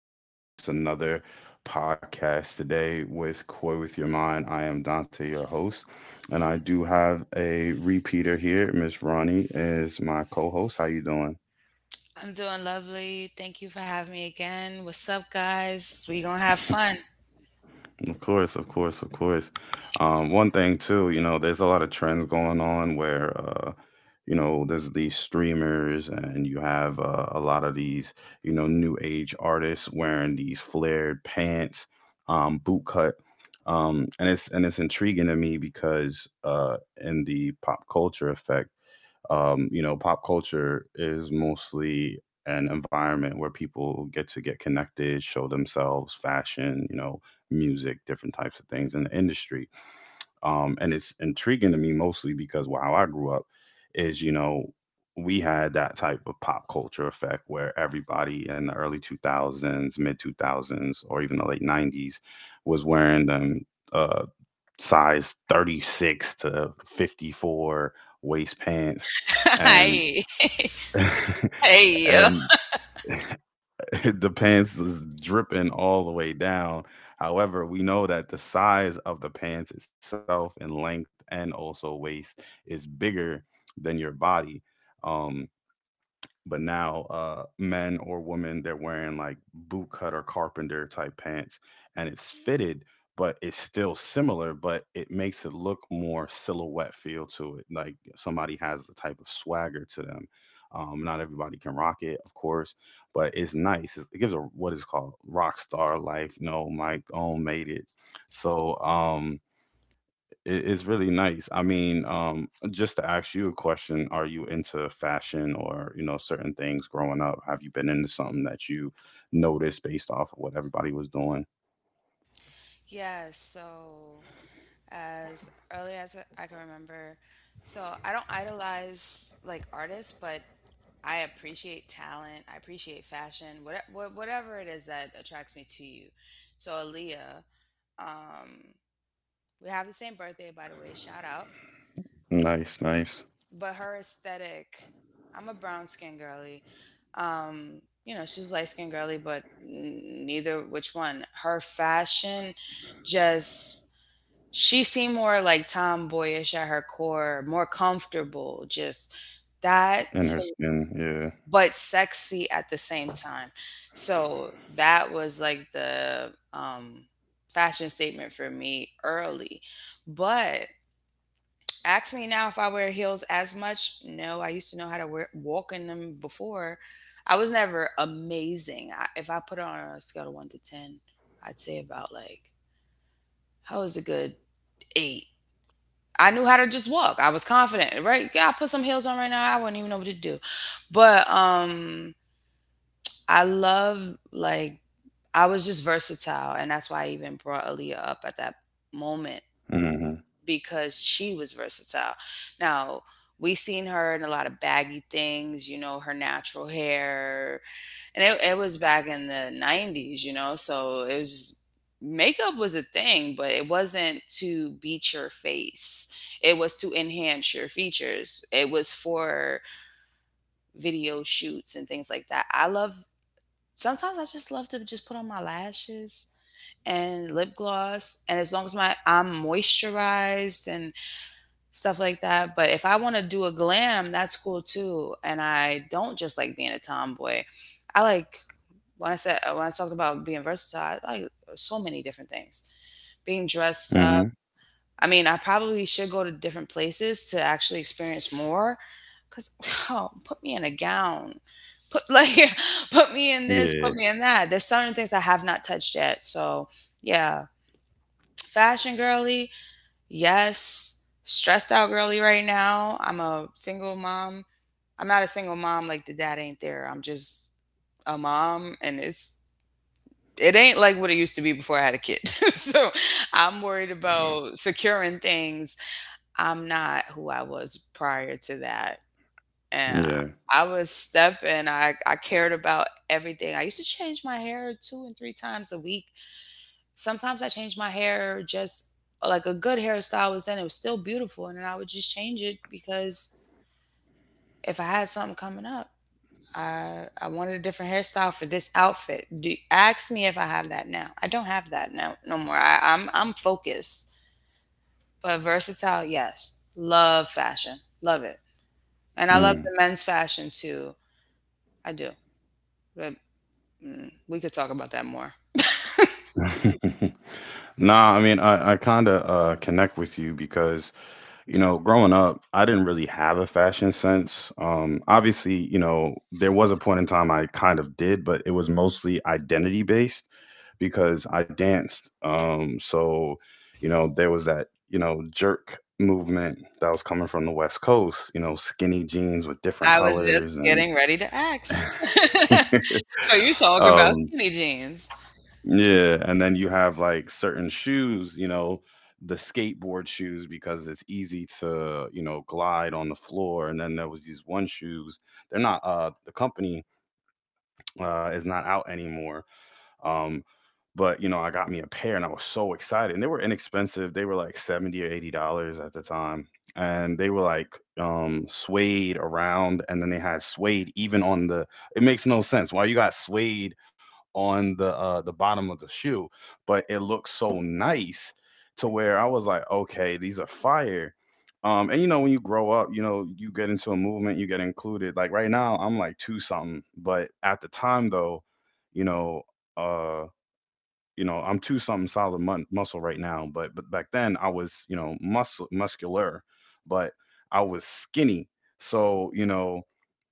us today. It's another podcast today with Koi with Your Mind. I am Dante, your host, and I do have a repeater here. Miss Ronnie is my co-host. How you doing? I'm doing lovely. Thank you for having me again. What's up, guys? We gonna have fun. Of course, of course, of course. One thing too, there's a lot of trends going on where there's these streamers, and you have a lot of these new age artists wearing these flared pants, boot cut. And it's intriguing to me because in the pop culture effect, pop culture is mostly an environment where people get to get connected, show themselves, fashion, music, different types of things in the industry. And it's intriguing to me mostly because how I grew up is, we had that type of pop culture effect where everybody in the early 2000s, mid 2000s, or even the late '90s was wearing them, uh, size 36 to 54 waist pants. And Hey, hey, yo. and the pants is dripping all the way down. However, we know that the size of the pants itself in length and also waist is bigger than your body. Um, but now, men or women, they're wearing like boot cut or carpenter type pants, and it's fitted, but it's still similar, but it makes it look more silhouette feel to it. Like somebody has a type of swagger to them. Not everybody can rock it, of course, but it's nice. It gives a what is called rock star life. No, Mike own made it. So, it's really nice. I mean, just to ask you a question, are you into fashion or, certain things growing up? Have you been into something that you noticed based off of what everybody was doing? Yeah, so as early as I can remember, so I don't idolize like artists, but I appreciate talent. I appreciate fashion. Whatever it is that attracts me to you. So Aaliyah, um, we have the same birthday, by the way. Shout out. Nice, nice. But her aesthetic, I'm a brown skin girly. You know, she's light skin girly, but neither which one. Her fashion just, she seemed more like tomboyish at her core, more comfortable. That In her to- skin, yeah. but sexy at the same time. So that was like the fashion statement for me early. But ask me now if I wear heels as much. No, I used to know how to walk in them before. I was never amazing. If I put it on a scale of one to 10, I'd say about like, how was a good eight? I knew how to just walk. I was confident, right? Yeah, I put some heels on right now, I wouldn't even know what to do. But I love, like, I was just versatile, and that's why I even brought Aaliyah up at that moment, Mm-hmm. because she was versatile. Now, we seen her in a lot of baggy things, you know, her natural hair. And it was back in the 90s, you know, so it was, makeup was a thing, but it wasn't to beat your face. It was to enhance your features. It was for video shoots and things like that. I love, sometimes I just love to just put on my lashes and lip gloss, and as long as my I'm moisturized, stuff like that. But if I want to do a glam, that's cool too. And I don't just like being a tomboy. I like, when I said when I talked about being versatile, I like so many different things. Being dressed up. Mm-hmm. I mean, I probably should go to different places to actually experience more. Cause oh, put me in a gown. Put like put me in this, put Yeah. me in that. There's certain things I have not touched yet. So yeah. Fashion girly, yes. Stressed out girly right now. I'm a single mom. I'm not a single mom like the dad ain't there. I'm just a mom, and it's, it ain't like what it used to be before I had a kid. So I'm worried about securing things. I'm not who I was prior to that. And I was stepping. I cared about everything. I used to change my hair two and three times a week. Sometimes I changed my hair just, like, a good hairstyle was in, it was still beautiful, and then I would just change it because if I had something coming up, I wanted a different hairstyle for this outfit. Do ask me if I have that now. I don't have that now, no more. I'm focused. But versatile, yes. Love fashion, love it. And I Yeah. love the men's fashion too. I do. But mm, we could talk about that more. Mm. Nah, I mean, I kind of connect with you because growing up, I didn't really have a fashion sense. Obviously, there was a point in time I kind of did, but it was mostly identity based because I danced. So, there was that, jerk movement that was coming from the West Coast, skinny jeans with different I was just colors, and getting ready to ask. So you talking about um, skinny jeans. yeah, and then you have like certain shoes, the skateboard shoes because it's easy to, glide on the floor. And then there was these one shoes. They're not the company is not out anymore. Um, but I got me a pair and I was so excited. And they were inexpensive. They were like 70 or $80 at the time. And they were like suede around, and then they had suede even on the— it makes no sense why you got suede on the bottom of the shoe, but it looked so nice to where I was like, okay, these are fire. And when you grow up, you get into a movement, you get included. Like right now, I'm like two something, but at the time though, you know, uh I'm two something solid, muscle right now. But back then I was, muscle, muscular, but I was skinny. So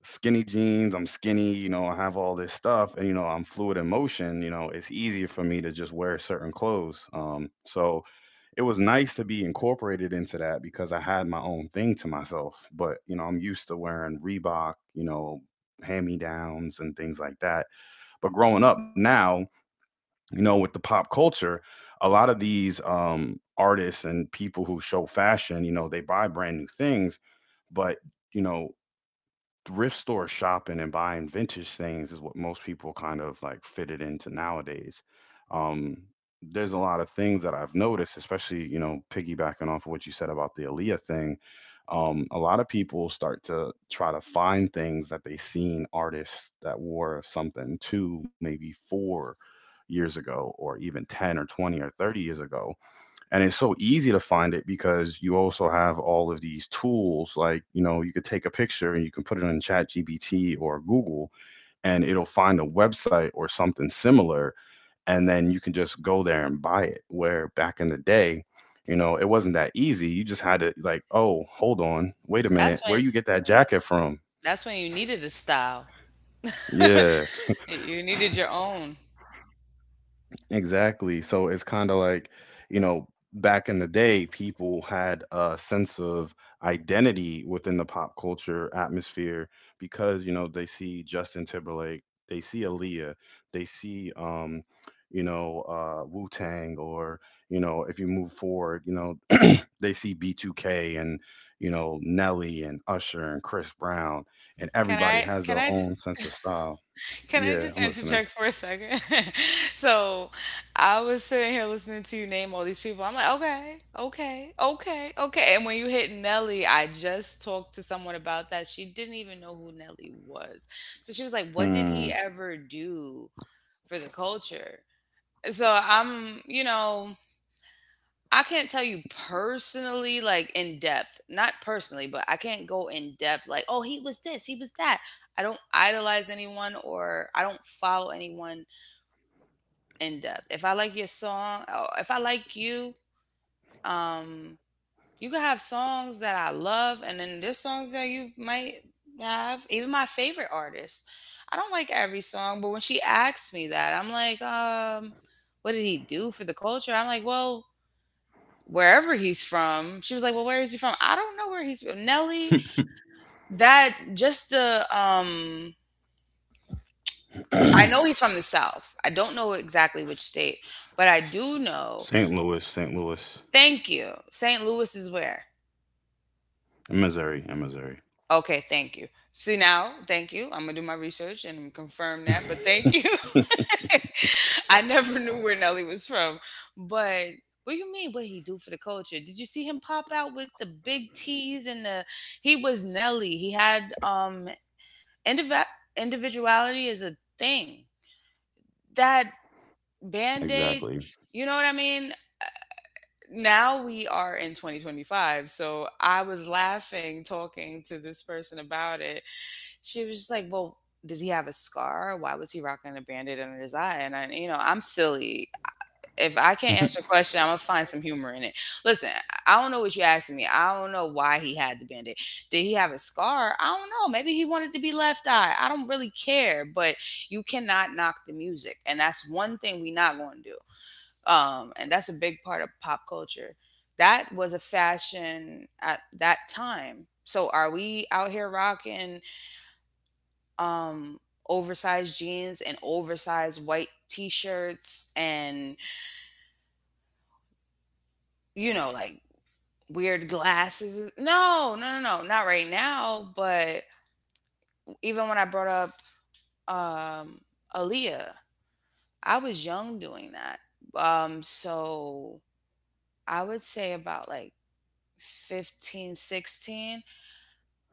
skinny jeans, I'm skinny, I have all this stuff, and I'm fluid in motion. It's easier for me to just wear certain clothes. So it was nice to be incorporated into that because I had my own thing to myself. But I'm used to wearing Reebok, hand me downs and things like that. But growing up now, with the pop culture, a lot of these artists and people who show fashion, they buy brand new things, but you know, thrift store shopping and buying vintage things is what most people kind of like fit it into nowadays. Um, there's a lot of things that I've noticed, especially, piggybacking off of what you said about the Aaliyah thing. A lot of people start to try to find things that they seen artists that wore something 2, maybe 4 years ago, or even 10 or 20 or 30 years ago. And it's so easy to find it because you also have all of these tools, like you could take a picture and you can put it in ChatGPT or Google, and it'll find a website or something similar. And then you can just go there and buy it, where back in the day, it wasn't that easy. You just had to like, oh, hold on, wait a That's minute, when, where you get that mm, jacket from? that's when you needed a style. Yeah. You needed your own. Exactly. So it's kind of like, you know, back in the day, people had a sense of identity within the pop culture atmosphere because, they see Justin Timberlake, they see Aaliyah, they see, Wu Tang, or, if you move forward, they see B2K and, Nelly and Usher and Chris Brown, and Can everybody I has can their I j- own sense of style. can I Yeah, just I'm listening. interject for a second? So I was sitting here listening to you name all these people. I'm like, okay, okay, okay, okay. And when you hit Nelly, I just talked to someone about that. She didn't even know who Nelly was. So she was like, what did he Hmm. ever do for the culture? So I'm, you know, I can't tell you personally, like in depth, not personally, but I can't go in depth like, oh, he was this, he was that. I don't idolize anyone, or I don't follow anyone in depth. If I like your song, or if I like you, um, you can have songs that I love, and then there's songs that you might have. Even my favorite artists, I don't like every song. But when she asks me that, I'm like, what did he do for the culture? I'm like, well, wherever he's from. She was like, "Well, where is he from?" I don't know where he's from. Nelly, that just the I know he's from the South. I don't know exactly which state, but I do S- know. St. Louis, St. Louis, Thank you. St. Louis is where? and Missouri, and Missouri. Okay, thank you. See now, thank you. I'm going to do my research and confirm that, but thank you. I never knew where Nelly was from. But what do you mean what he do for the culture? Did you see him pop out with the big T's and the, he was Nelly. He had Indiv- individuality is a thing. That band aid, Exactly. you know what I mean? Now we are in 2025. So I was laughing talking to this person about it. She was just like, well, did he have a scar? Why was he rocking a band aid under his eye? And I, you know, I'm silly. If I can't answer a question, I'm gonna find some humor in it. Listen, I don't know what you're asking me. I don't know why he had the bandit. Did he have a scar? I don't know. Maybe he wanted to be left eye. I don't really care. But you cannot knock the music, and that's one thing we're not going to do. And that's a big part of pop culture. That was a fashion at that time. So are we out here rocking um, oversized jeans and oversized white t-shirts and, you know, like weird glasses? No, no, no, no, not right now. But even when I brought up Aaliyah, I was young doing that. So I would say about like 15, 16. 16.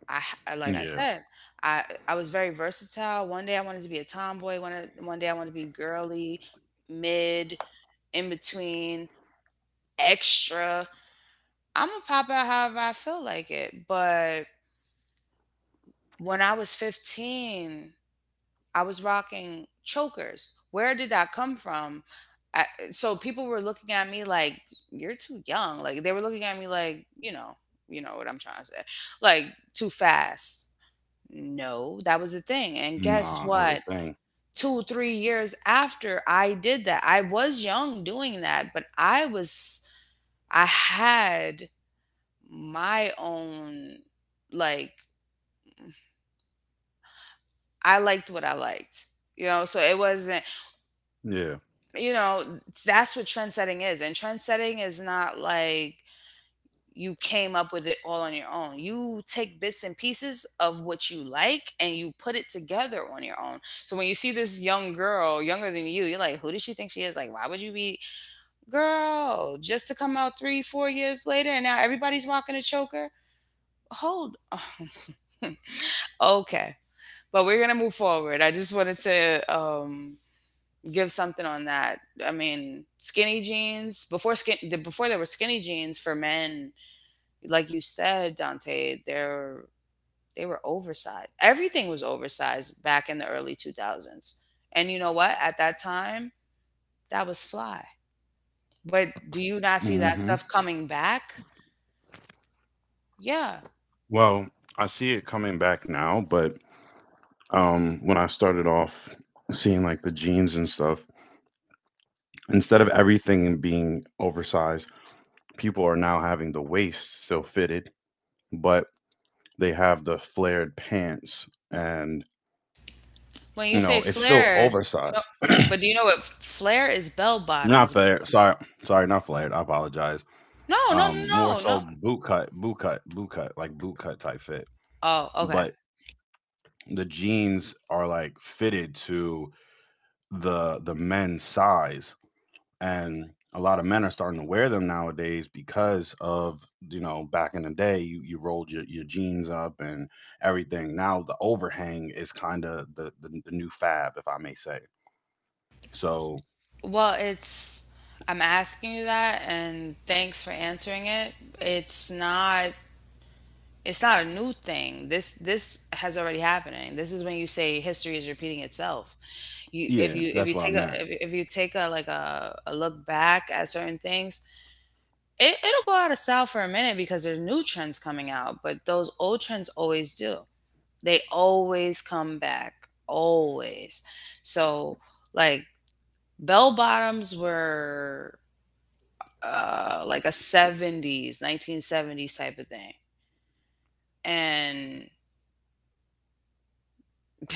Like I Yeah. said, I was very versatile. One day I wanted to be a tomboy. One day I wanted to be girly, mid, in between, extra. I'm gonna pop out however I feel like it. But when I was 15, I was rocking chokers. Where did that come from? I, so people were looking at me like, "You're too young." Like they were looking at me like, you know what I'm trying to say, like too fast. No, that was the thing. And guess Nah, it was what? a thing. Two, three years after I did that, I was young doing that, but I was, I had my own, like, I liked what I liked, you know? So it wasn't, Yeah. you know, that's what trend setting is. And trend setting is not like you came up with it all on your own. You take bits and pieces of what you like and you put it together on your own. So when you see this young girl, younger than you, you're like, who does she think she is? Like, why would you be, girl, just to come out three, four years later and now everybody's rocking a choker? Hold. Okay. But we're going to move forward. I just wanted to give something on that. I mean, skinny jeans, before there were skinny jeans for men, like you said, Dante, they were oversized. Everything was oversized back in the early 2000s. And you know what? At that time, that was fly. But do you not see that Hmm. stuff coming back? Yeah. Well, I see it coming back now, but when I started off seeing like the jeans and stuff, instead of everything being oversized, people are now having the waist still fitted, but they have the flared pants and When you say it's still flared, you know, oversized. but do you know what flare is? Bell bottoms? Not flared. Sorry, sorry, not flared. I apologize. No, no, More no, no, so no. boot cut, boot cut, boot cut, like boot cut type fit. Oh, okay. But the jeans are like fitted to the men's size, and a lot of men are starting to wear them nowadays because of, back in the day, you rolled your jeans up and everything. Now the overhang is kind of the new fab, if I may say. So Well, it's, I'm asking you that and thanks for answering it. It's not it's not a new thing. This has already happening. This is when you say history is repeating itself. You if yeah, you If you that's what I take a, meant. If you take a like a look back at certain things, it'll go out of style for a minute because there's new trends coming out, but those old trends always do. They always come back. Always. So like bell bottoms were like a 70s 1970s type of thing and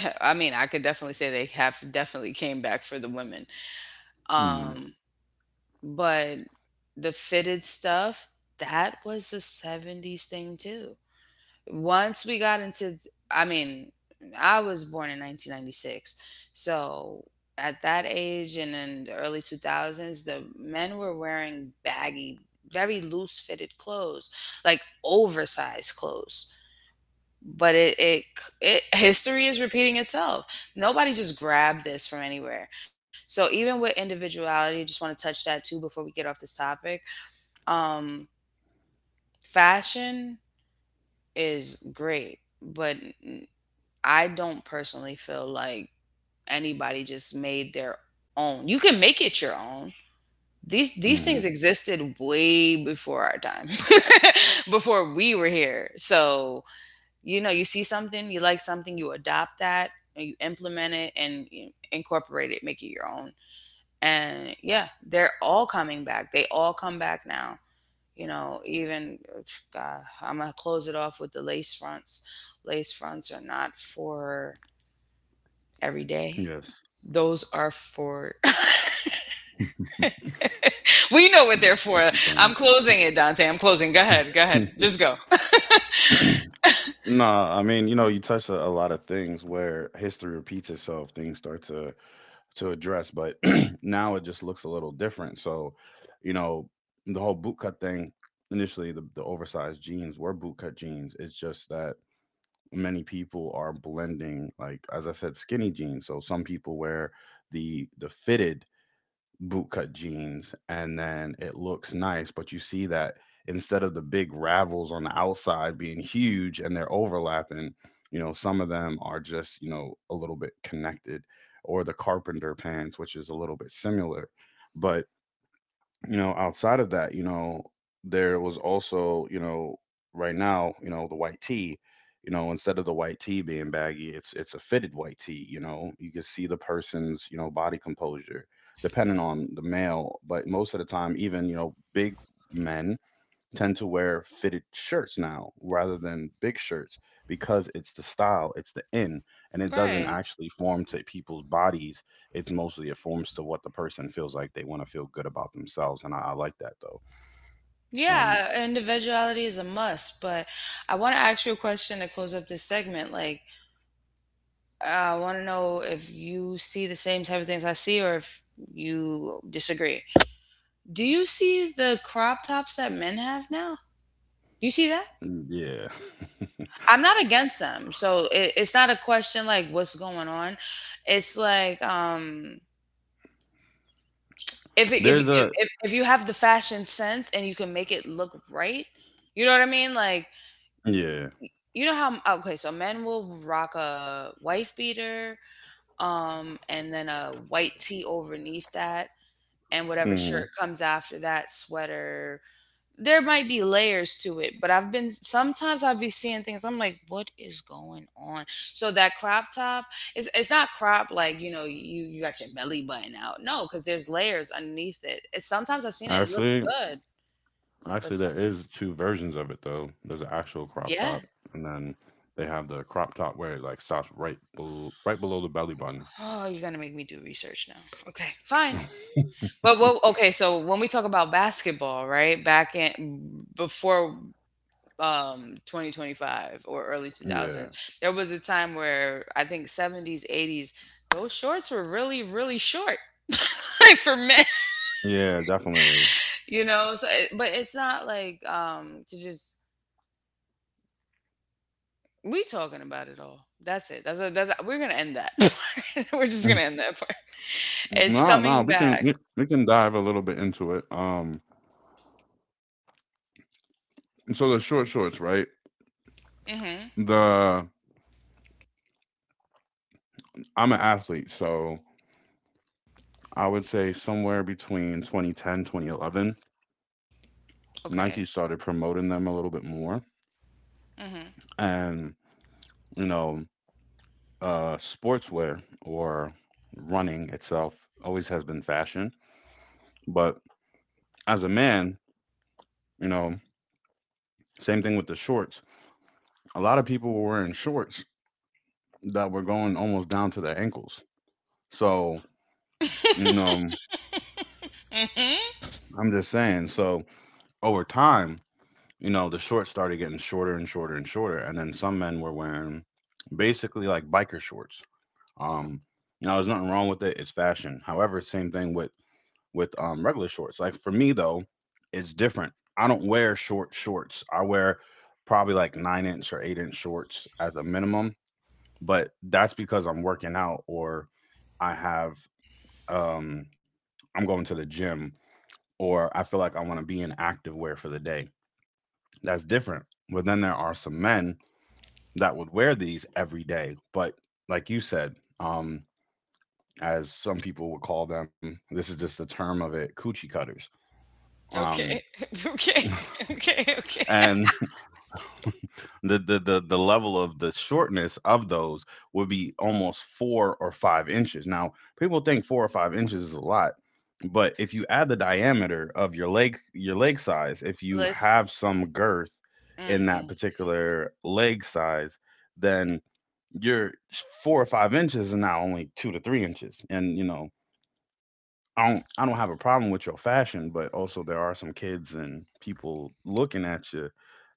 I mean, I could definitely say they have definitely came back for the women. um but the fitted stuff, that was a 70s thing too. Once we got into, I mean, I was born in 1996, so at that age and in the early 2000s the men were wearing baggy, very loose fitted clothes, like oversized clothes. But it history is repeating itself. Nobody just grabbed this from anywhere. So even with individuality, just want to touch that too before we get off this topic. um Fashion is great, but I don't personally feel like anybody just made their own. You can make it your own. These things Mm-hmm. existed way before our time, before we were here. So you know, you see something, you like something, you adopt that and you implement it and you incorporate it, make it your own. And yeah, they're all coming back. They all come back now. You know, even god, I'm gonna close it off with the lace fronts. Lace fronts are not for every day. Yes. Those are for we know what they're for. I'm Different closing it, Dante. I'm closing. Go ahead, go ahead, things. just go Nah, I mean, you touched a lot of things where history repeats itself, things start to address, but now it just looks a little different. So, you know, the whole bootcut thing, initially the oversized jeans were bootcut jeans. It's just that many people are blending, like as I said, skinny jeans. So some people wear the fitted bootcut jeans, and then it looks nice, but you see that instead of the big ravels on the outside being huge and they're overlapping, some of them are just, a little bit connected, or the carpenter pants, which is a little bit similar. But outside of that, there was also, right now, the white tee, instead of the white tee being baggy, it's a fitted white tee, you know. You can see the person's, body composure, depending on the male, but most of the time, even, big men tend to wear fitted shirts now rather than big shirts, because it's the style, it's the in, and it doesn't right. actually form to people's bodies. It's mostly it forms to what the person feels like they want to feel good about themselves, and I like that though. Um, Yeah, individuality is a must, but I want to ask you a question to close up this segment. Like, I want to know if you see the same type of things I see or if you disagree. Do you see the crop tops that men have now? Do you see that? mm, yeah, I'm not against them. So it's not a question like what's going on. It's like, if, it, there's a— if you have the fashion sense and you can make it look right, you know what I mean? Like, yeah. you know how, okay, so men will rock a wife beater, and then a white tee overneath that, and whatever Hmm. shirt comes after that, sweater. There might be layers to it, but I've been sometimes I'd be seeing things. I'm like, what is going on? So that crop top is, it's not crop like, you know, you got your belly button out. No, because there's layers underneath it. It's, sometimes I've seen it, it looks Actually, good, actually, but there some, is two versions of it though. There's an actual crop top, yeah. and then they have the crop top where it like stops right below the belly button. Oh, you're gonna make me do research now. Okay, fine. But what, okay, so when we talk about basketball, right? Back in before 2025 or early Yeah, 2000s, there was a time where I think 70s, 80s, those shorts were really, really short. Like for men, yeah, definitely. you know. So it, but it's not like to just we talking about it all. That's it. We're going to end that. Part, we're just going to Mm. end that part. It's No, no, coming we can back. we we can dive a little bit into it. So the short shorts, right? Mhm. The I'm an athlete, so I would say somewhere between 2010, 2011, Nike Okay. started promoting them a little bit more, Mhm. and you know, sportswear or running itself always has been fashion, but as a man, you know, same thing with the shorts. A lot of people were wearing shorts that were going almost down to their ankles, so you know. Mhm. I'm just saying. So over time, the shorts started getting shorter and shorter and shorter, and then some men were wearing basically like biker shorts. Um, there's nothing wrong with it. It's fashion. However, same thing with regular shorts. Like for me though, it's different. I don't wear short shorts. I wear probably like 9-inch or 8-inch shorts at the minimum. But that's because I'm working out, or I have um I'm going to the gym, or I feel like I want to be in active wear for the day. That's different. But then there are some men that would wear these every day. But like you said, um, as some people would call them, this is just the term of it, coochie cutters. Um, Okay. Okay. Okay. Okay. and the level of the shortness of those would be almost 4 or 5 inches. Now, people think 4 or 5 inches is a lot, but if you add the diameter of your leg size, if you Let's. have some girth in that Mm-mm. particular leg size, then your 4 or 5 inches and now only 2 to 3 inches. And, I don't have a problem with your fashion, but also there are some kids and people looking at you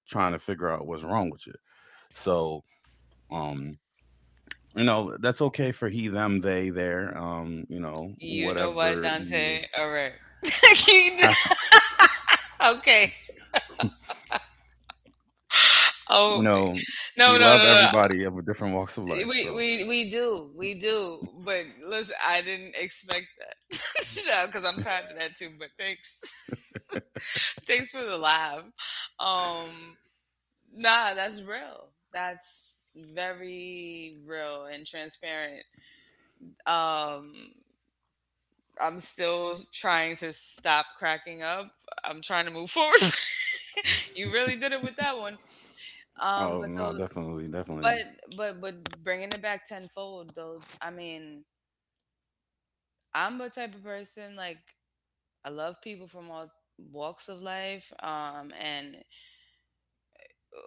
trying to figure out what's wrong with you. So, um, that's okay for he, them, they, there. You know what, Whatever you Dante? All right. have, Okay. Oh, you know, no, we no, love no, no. everybody of different walks of life. We So. we we do, we do. But listen, I didn't expect that. No, because I'm tired of that too. But thanks. Thanks for the laugh. Um. Nah, that's real. That's very real and transparent. Um. I'm still trying to stop cracking up. I'm trying to move forward. You really did it with that one. Oh But no, those, definitely, but definitely. Bringing it back tenfold though. I mean, I'm the type of person, like, I love people from all walks of life. And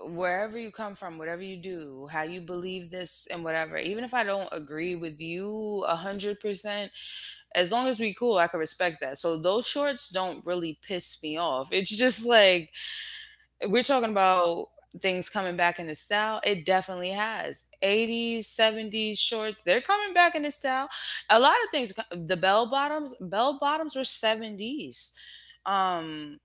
wherever you come from, whatever you do, how you believe this and whatever, even if I don't agree with you 100%, as long as we cool, I can respect that. So those shorts don't really piss me off. It's just like we're talking about things coming back into style. It definitely has. 80s, 70s shorts, they're coming back into style. A lot of things. The bell bottoms, were 70s. um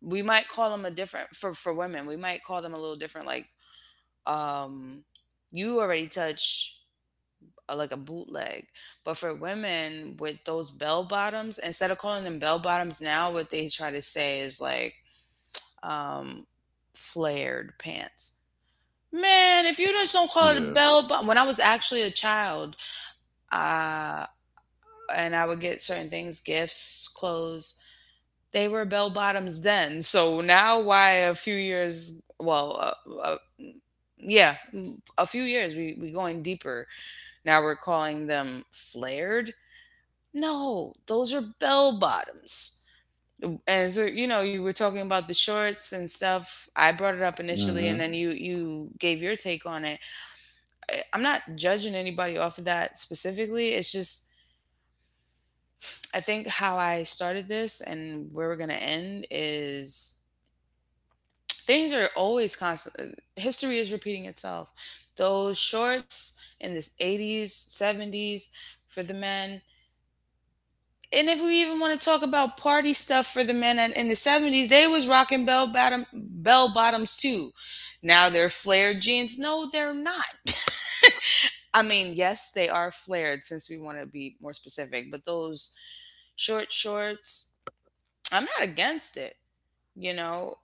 we might call them a different, for women we might call them a little different, like, um you already touch like a bootleg. But for women with those bell bottoms, instead of calling them bell bottoms, now what they try to say is like, um flared pants. Man, if you just don't call it a Yeah. bell bottom. When I was actually a child, uh, and I would get certain things, gifts, clothes, they were bell bottoms then. So now, why a few years, well, yeah, a few years, we going deeper. Now we're calling them flared. No, those are bell bottoms. And so, you know, you were talking about the shorts and stuff. I brought it up initially, Mm-hmm. and then you gave your take on it. I'm not judging anybody off of that specifically. It's just, I think how I started this and where we're gonna end is, things are always constant. History is repeating itself. Those shorts in this 80s, 70s for the men. And if we even want to talk about party stuff for the men in the 70s, they was rocking bell bottom bell bottoms too. Now they're flared jeans. No, they're not. I mean, yes, they are flared since we want to be more specific, but those short shorts, I'm not against it. You know,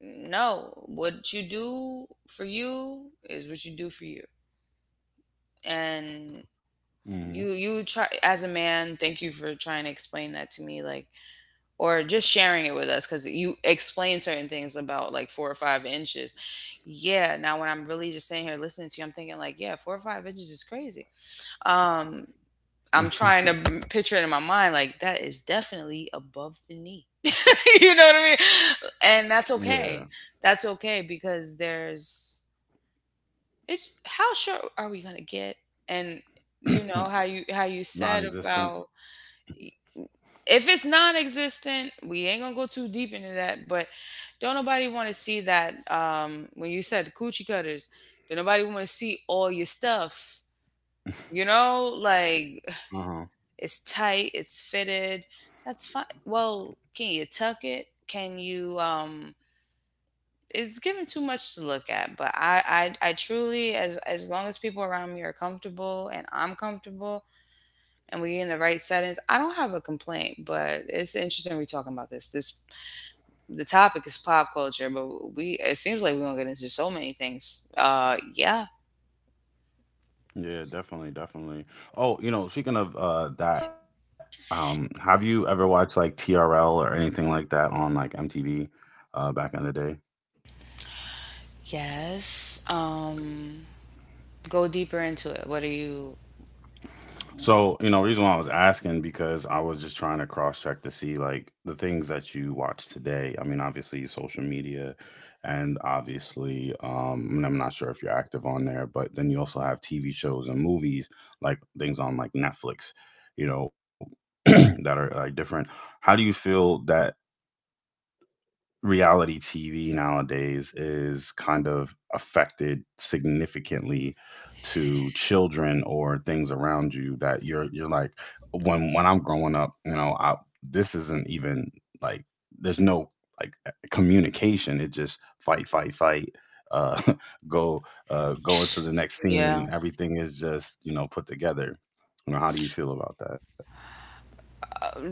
no, what you do for you is what you do for you. And you try as a man, thank you for trying to explain that to me, like, or just sharing it with us, cuz you explain certain things about like 4 or 5 inches. Yeah, now when I'm really just sitting here listening to you, I'm thinking like, yeah, 4 or 5 inches is crazy. Um, I'm trying Mm-hmm. to picture it in my mind, like, that is definitely above the knee. You know what I mean? And that's Yeah. okay. That's okay, because there's, it's, how short are we going to get? And you know how you said Non-existent. about, if it's non-existent, we ain't going to go too deep into that, but don't nobody want to see that. When you said coochie cutters, don't nobody want to see all your stuff. You know, like, Uh-huh. it's tight, it's fitted. That's fine. Well, can you tuck it? Can you, um, it's given too much to look at, but I truly, as long as people around me are comfortable and I'm comfortable and we're in the right settings, I don't have a complaint. But it's interesting we're talking about this. This, the topic is pop culture, but we it seems like we're gonna get into so many things. Uh, yeah. Yeah, definitely, definitely. Oh, speaking of that, have you ever watched like TRL or anything like that on like MTV back in the day? Yes. Um, go deeper into it. What are you? So, reason why I was asking because I was just trying to cross check to see like the things that you watch today. I mean, obviously social media, and obviously and I'm not sure if you're active on there, but then you also have TV shows and movies like things on like Netflix, you know, that are like different. How do you feel that reality TV nowadays is kind of affected significantly to children or things around you, that you're like, when I'm growing up, this isn't even like there's no, like, communication. It just fight, fight, fight. Uh, go go into the next Yeah. scene. Everything is just, put together. How do you feel about that?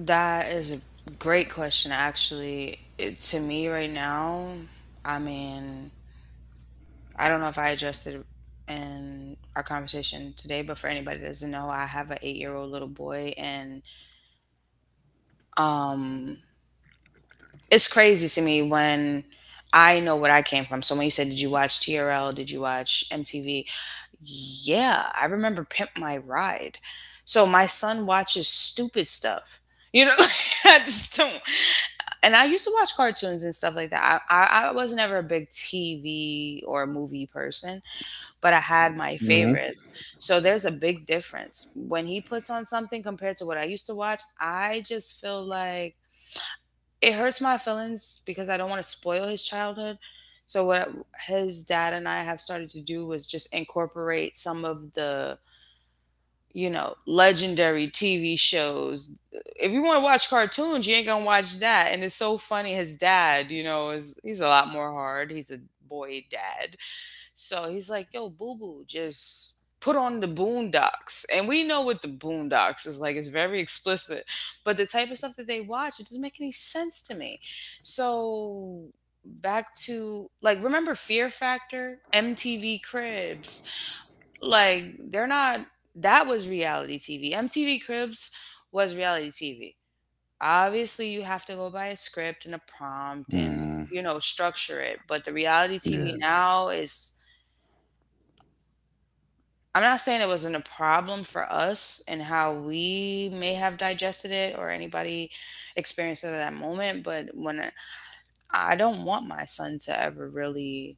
That is a great question, actually. It, to me, right now, I mean, I don't know if I addressed it in our conversation today, but for anybody that doesn't know, I have an 8-year old little boy, and, um, it's crazy to me when I know what I came from. So when you said, "Did you watch TRL? Did you watch MTV?" Yeah, I remember Pimp My Ride. So my son watches stupid stuff. You know, I just don't. And I used to watch cartoons and stuff like that. I was never a big TV or movie person, but I had my Hmm, favorites. So there's a big difference. When he puts on something compared to what I used to watch, I just feel like it hurts my feelings because I don't want to spoil his childhood. So what his dad and I have started to do was just incorporate some of the, you know, legendary TV shows. If you want to watch cartoons, you ain't gonna watch that. And it's so funny. His dad, you know, is he's a lot more hard. He's a boy dad, so he's like, yo, boo boo, just put on the Boondocks. And we know what the Boondocks is like, it's very explicit. But the type of stuff that they watch, it doesn't make any sense to me. So back to like, remember Fear Factor, MTV Cribs? Like, they're not, that was reality TV. MTV Cribs was reality TV. Obviously, you have to go by a script and a prompt and, hmm. you know, structure it. But the reality TV Yeah. now is, I'm not saying it wasn't a problem for us and how we may have digested it or anybody experienced it at that moment, but when I don't want my son to ever really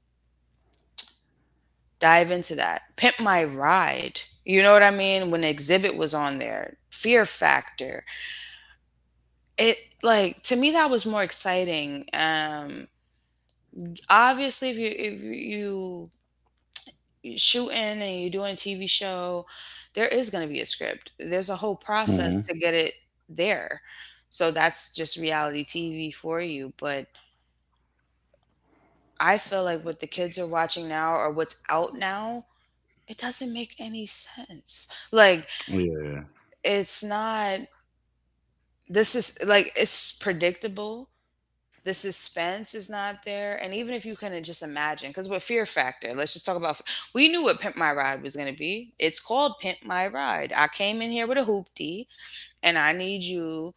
dive into that. Pimp My Ride, you know what I mean? When Exhibit was on there, Fear Factor, it, like, to me that was more exciting. Obviously, if you shooting and you're doing a TV show, there is going to be a script. There's a whole process Hmm. to get it there. So that's just reality TV for you. But I feel like what the kids are watching now or what's out now, it doesn't make any sense. Like, Yeah. it's not, this is like, it's predictable. The suspense is not there, and even if you can just imagine, because with Fear Factor, let's just talk about. We knew what Pimp My Ride was going to be. It's called Pimp My Ride. I came in here with a hoopty, and I need you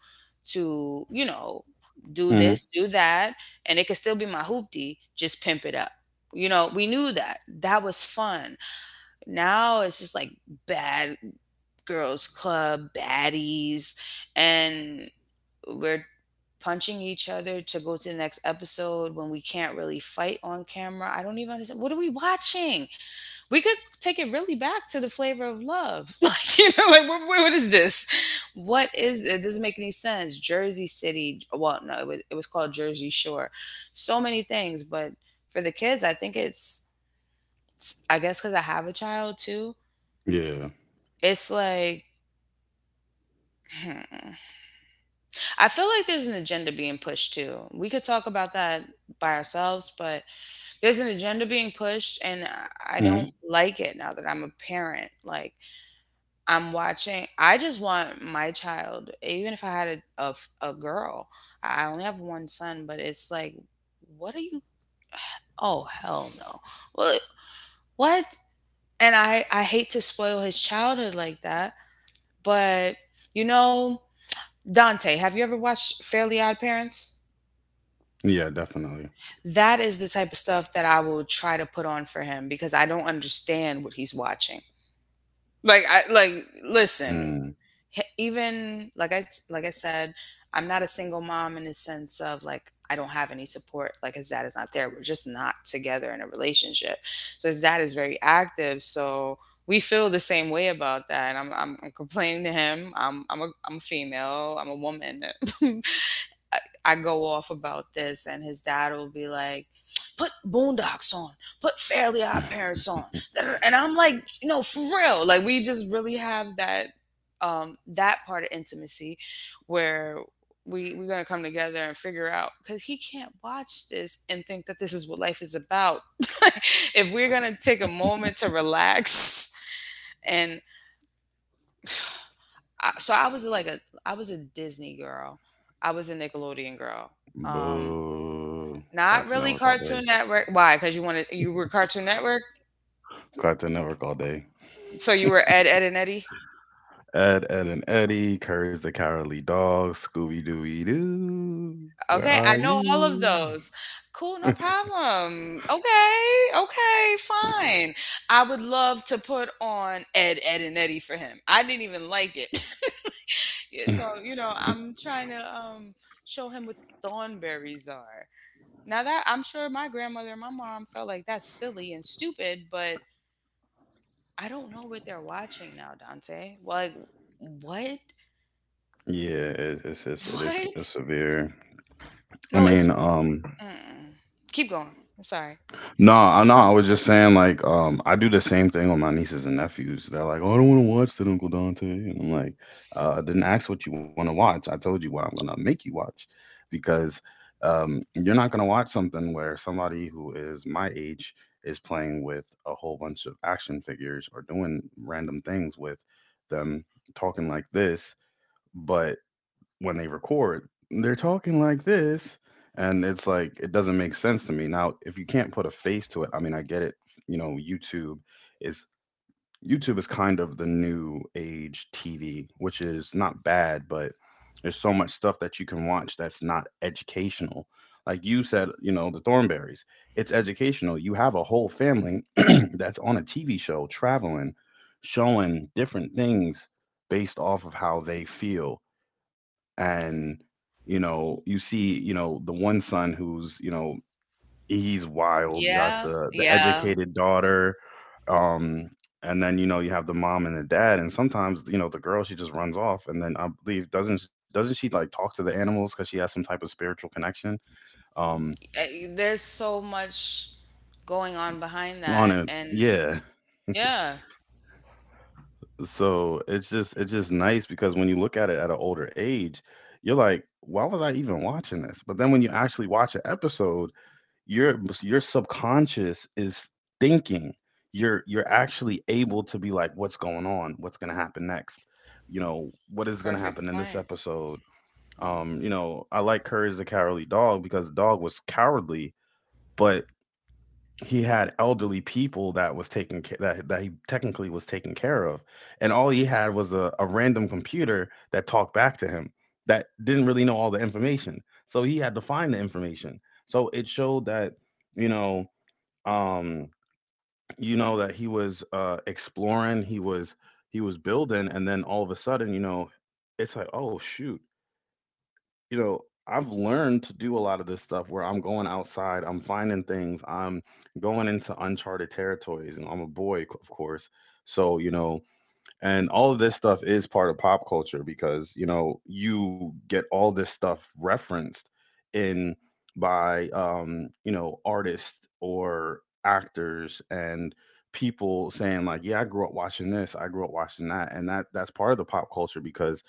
to, you know, do Hmm. this, do that, and it could still be my hoopty. Just pimp it up. You know, we knew that. That was fun. Now it's just like bad girls club baddies, and we're punching each other to go to the next episode when we can't really fight on camera. I don't even understand. What are we watching? We could take it really back to the Flavor of Love. Like, what is this? What is it? Doesn't make any sense. Jersey City. Well, no, it was called Jersey Shore. So many things. But for the kids, I think it's- I guess because I have a child too, Yeah. it's like, hmm. I feel like there's an agenda being pushed too. We could talk about that by ourselves, but there's an agenda being pushed, and I don't like it now that I'm a parent. Like, I'm watching, I just want my child. Even if I had a girl, I only have one son, but it's like, what are you, oh hell no, well, what. And I hate to spoil his childhood like that, but you know, dante, have you ever watched fairly odd parents? Yeah, definitely. That is the type of stuff that I will try to put on for him because I don't understand what he's watching. Like, I like listen. Mm. Even like I said, I'm not a single mom in the sense of, like, I don't have any support. Like, his dad is not there. We're just not together in a relationship. So his dad is very active. So we feel the same way about that. And I'm complaining to him. I'm a female. I'm a woman. I I go off about this, and his dad will be like, "Put Boondocks on, put Fairly Odd Parents on," and I'm like, "No, for real." Like, we just really have that, that part of intimacy where we're gonna come together and figure out, because he can't watch this and think that this is what life is about. If we're gonna take a moment to relax. And so I was a Disney girl. I was a Nickelodeon girl. Um, Boo. Not Cartoon really Network all day. Cartoon Network. Why? Because you were Cartoon Network, Cartoon Network all day. so you were Ed, Ed and Eddie. Ed, Ed, and Eddie, Courage the Cowardly Dog, Scooby Dooby Doo. Where Okay, are I know all of you? those. Cool, no problem. Okay, okay, fine. I would love to put on Ed, Ed and Eddie for him. I didn't even like it. Yeah, Yeah, so I'm trying to show him what thornberries are. Now that I'm sure my grandmother and my mom felt like that's silly and stupid, but I don't know what they're watching now, Dante. Like, what? it, it's it is What? it's severe. I No, it's mean, mm-mm. Keep going. I'm sorry. no, I was just saying, like, I do the same thing with my nieces and nephews. They're like, "Oh, I don't want to watch that, Uncle Dante." And I'm like, I didn't ask what you want to watch. I told you what I'm gonna make you watch, because you're not gonna watch something where somebody who is my age is playing with a whole bunch of action figures or doing random things with them, talking like this. But." When they record, they're talking like this. And it's like, it doesn't make sense to me. Now, if you can't put a face to it, I mean, I get it. You know, YouTube is YouTube is kind of the new age TV, which is not bad, but there's so much stuff that you can watch that's not educational. Like you said, the Thornberries, it's educational. You have a whole family that's on a TV show traveling, showing different things based off of how they feel. And you see, the one son who's, he's wild. You got Yeah, the yeah. educated daughter. um and then, you have the mom and the dad, and sometimes, the girl, she just runs off, and then I believe, doesn't she like talk to the animals because she has some type of spiritual connection? um There's so much going on behind on that, it, and yeah. yeah, So it's just nice, because when you look at it at an older age, you're like, why was I even watching this? But then when you actually watch an episode, your subconscious is thinking, you're actually able to be like, what's going on, what's going to happen next? You know what is going to perfect happen in this point. episode? Mhm. I like Courage the Cowardly Dog because the dog was cowardly, but he had elderly people that was taking care, that he technically was taking care of, and all he had was a random computer that talked back to him that didn't really know all the information, so he had to find the information. So it showed that, you know um that he was exploring, he was building, and then all of a sudden, it's like, oh shoot, you know I've learned to do a lot of this stuff, where I'm going outside, I'm finding things, I'm going into uncharted territories, and I'm a boy, of course. So, and all of this stuff is part of pop culture, because you get all this stuff referenced in by, artists or actors, and people saying, like, yeah, I grew up watching this, I grew up watching that. And that's part of the pop culture, because,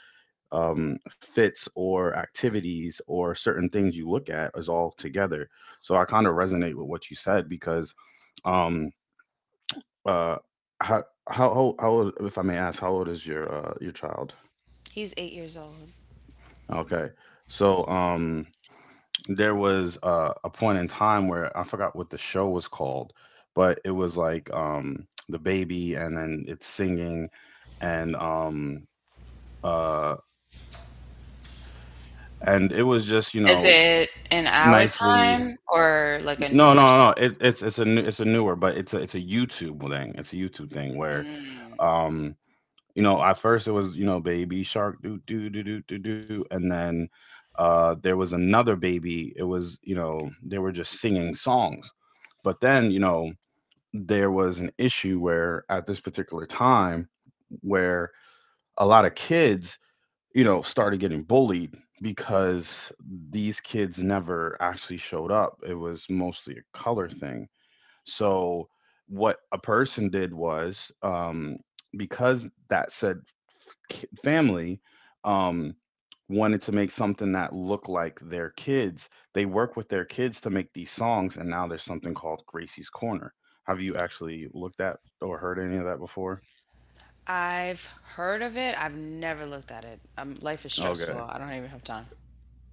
um, fits or activities or certain things you look at is all together. So I kind of resonate with what you said, because um uh, how how old, if I may ask, how old is your, child? He's 8 years old. Okay, so there was, a point in time where I forgot what the show was called, but it was like, the baby, and then it's singing, and um, uh, and it was just, Is it in our nicely. time or like a No, newer? No, no. It's a newer, but it's a YouTube thing. It's a YouTube thing Mm. um. At first it was, you know, Baby shark, do do do do do do, and then there was another baby. It was, you know, They were just singing songs. But then, there was an issue where at this particular time, where a lot of kids, started getting bullied because these kids never actually showed up. It was mostly a color thing. So what a person did was, because that said, family, um, wanted to make something that looked like their kids. They work with their kids to make these songs, and now there's something called Gracie's Corner. Have you actually looked at or heard any of that before? I've heard of it. I've never looked at it. Life is stressful. Okay. I don't even have time.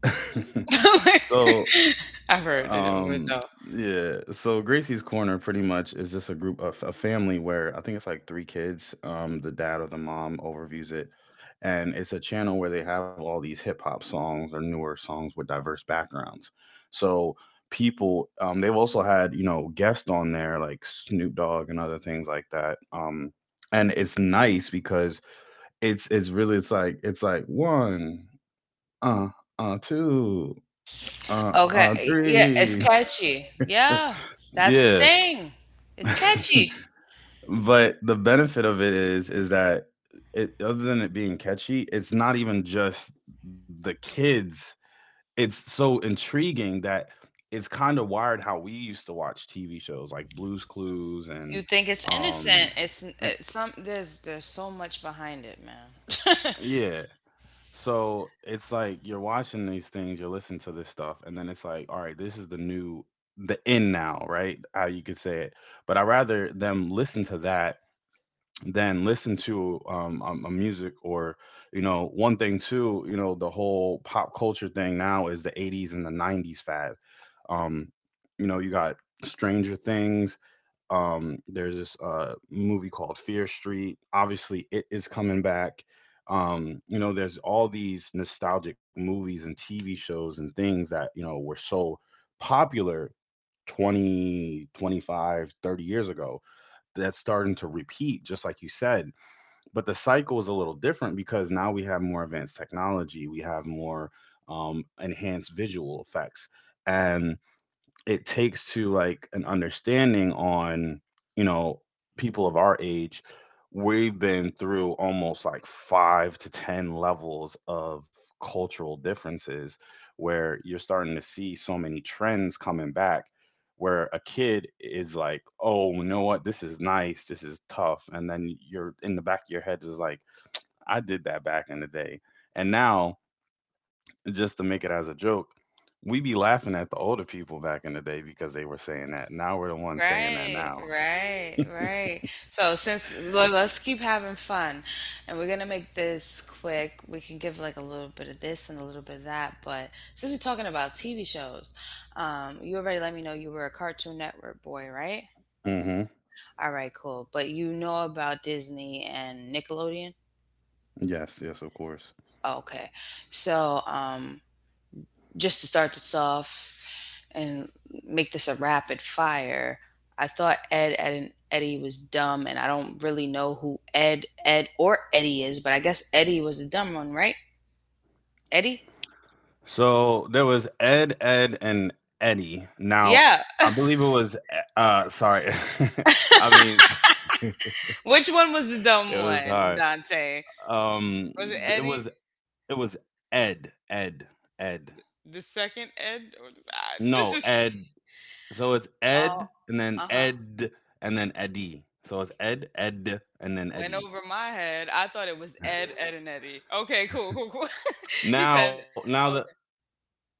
So. I've heard it, but Um, no. yeah. So Gracie's Corner pretty much is just a group of a family where I think it's like three kids. The dad or the mom overviews it, and it's a channel where they have all these hip hop songs or newer songs with diverse backgrounds. So people, they've also had, guests on there like Snoop Dogg and other things like that. And it's nice because it's really it's like one, uh, two, Okay, yeah, it's three. catchy. Yeah, that's the Yeah. thing. It's catchy. But the benefit of it is that, it other than it being catchy, it's not even just the kids. It's so intriguing that it's kind of wired how we used to watch TV shows like Blue's Clues and, You think it's um innocent. It's, eh, it's some, there's so much behind it, man. yeah. So it's like you're watching these things, you're listening to this stuff, and then it's like, all right, this is the in now, right? How you could say it. But I rather them listen to that than listen to, a music. Or, one thing too. The whole pop culture thing now is the 80s and the 90s fad. um you got Stranger Things. There's this, movie called Fear Street. Obviously it is coming back. There's all these nostalgic movies and TV shows and things that, were so popular 20, 25, 30 years ago. That's starting to repeat, just like you said. But the cycle is a little different, because now we have more advanced technology, we have more, enhanced visual effects. And it takes to like an understanding on, you know people of our age. We've been through almost like five to ten levels of cultural differences, where you're starting to see so many trends coming back, where a kid is like, oh, you know what, this is nice, this is tough, and then you're in the back of your head is like, I did that back in the day. And now, just to make it as a joke, we be laughing at the older people back in the day because they were saying that. Now we're the ones saying that Right, now. right, right. So, since let's keep having fun, and we're gonna make this quick. We can give like a little bit of this and a little bit of that. But since we're talking about TV shows, you already let me know you were a Cartoon Network boy, right? Hmm. All right, cool. But you know about Disney and Nickelodeon? Yes, yes, of course. Okay. So, just to start this off and make this a rapid fire, I thought Ed, Ed and Eddie was dumb, and I don't really know who Ed, Ed, or Eddie is, but I guess Eddie was the dumb one, right? Eddie? So there was Ed, Ed, and Eddie. Now Yeah. I believe it was. Sorry, I mean, Which one was the it dumb was one, hard. Dante? Um, Was it it Eddie? was it was Ed, Ed, Ed. The second Ed? Or, this No, is. Ed. So it's Oh, uh huh. Ed, and then Eddie. So it's Ed, Ed, and then Went Eddie. over my head. I thought it was Ed, Ed, and Eddie. Okay, cool, cool, cool. He Now, said, now that okay.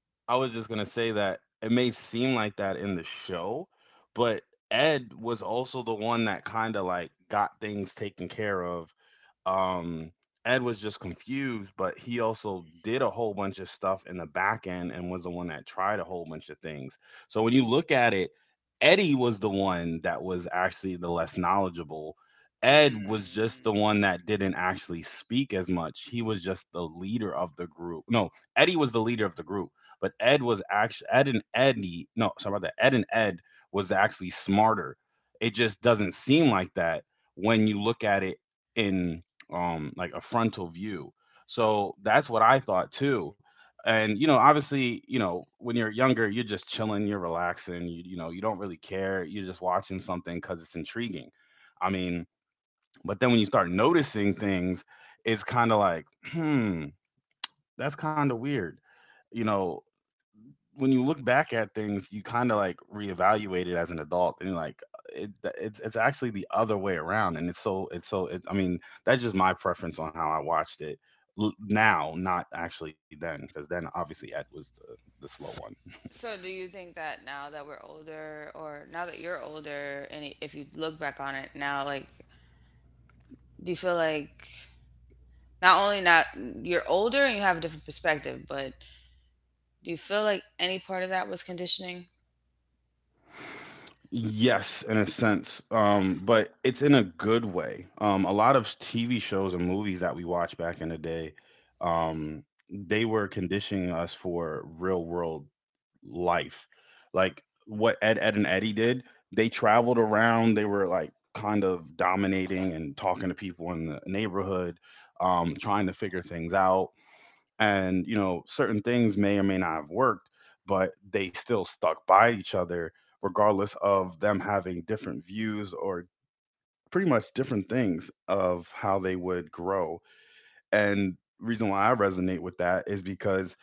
I was just gonna say that it may seem like that in the show, but Ed was also the one that kind of like got things taken care of. um Ed was just confused, but he also did a whole bunch of stuff in the back end and was the one that tried a whole bunch of things. So when you look at it, Eddie was the one that was actually the less knowledgeable. Ed was just the Mm. one that didn't actually speak as much. He was just the leader of the group. No, Eddie was the leader of the group, but Ed was actually Ed and Eddie. No, sorry about that. Ed and Ed was actually smarter. It just doesn't seem like that when you look at it in like a frontal view, so that's what I thought too. And obviously, when you're younger, you're just chilling, you're relaxing, you don't really care, you're just watching something because it's intriguing. I mean, but then when you start noticing things, it's kind of like, hmm, that's kind of weird, you know. When you look back at things, you kind of like reevaluate it as an adult, and like it, it's actually the other way around, and I mean, that's just my preference on how I watched it. Now, not actually then, because then obviously Ed was the slow one. So, do you think that now that we're older, or now that you're older, and if you look back on it now, like, do you feel like, not only, not, you're older and you have a different perspective, but do you feel like any part of that was conditioning? Yes, in a sense, but it's in a good way. A lot of TV shows and movies that we watched back in the day, um, they were conditioning us for real world life. Like what Ed, Ed, and Eddie did, they traveled around. They were like kind of dominating and talking to people in the neighborhood, trying to figure things out. And, you know, certain things may or may not have worked, but they still stuck by each other, regardless of them having different views or pretty much different things of how they would grow. And reason why I resonate with that is because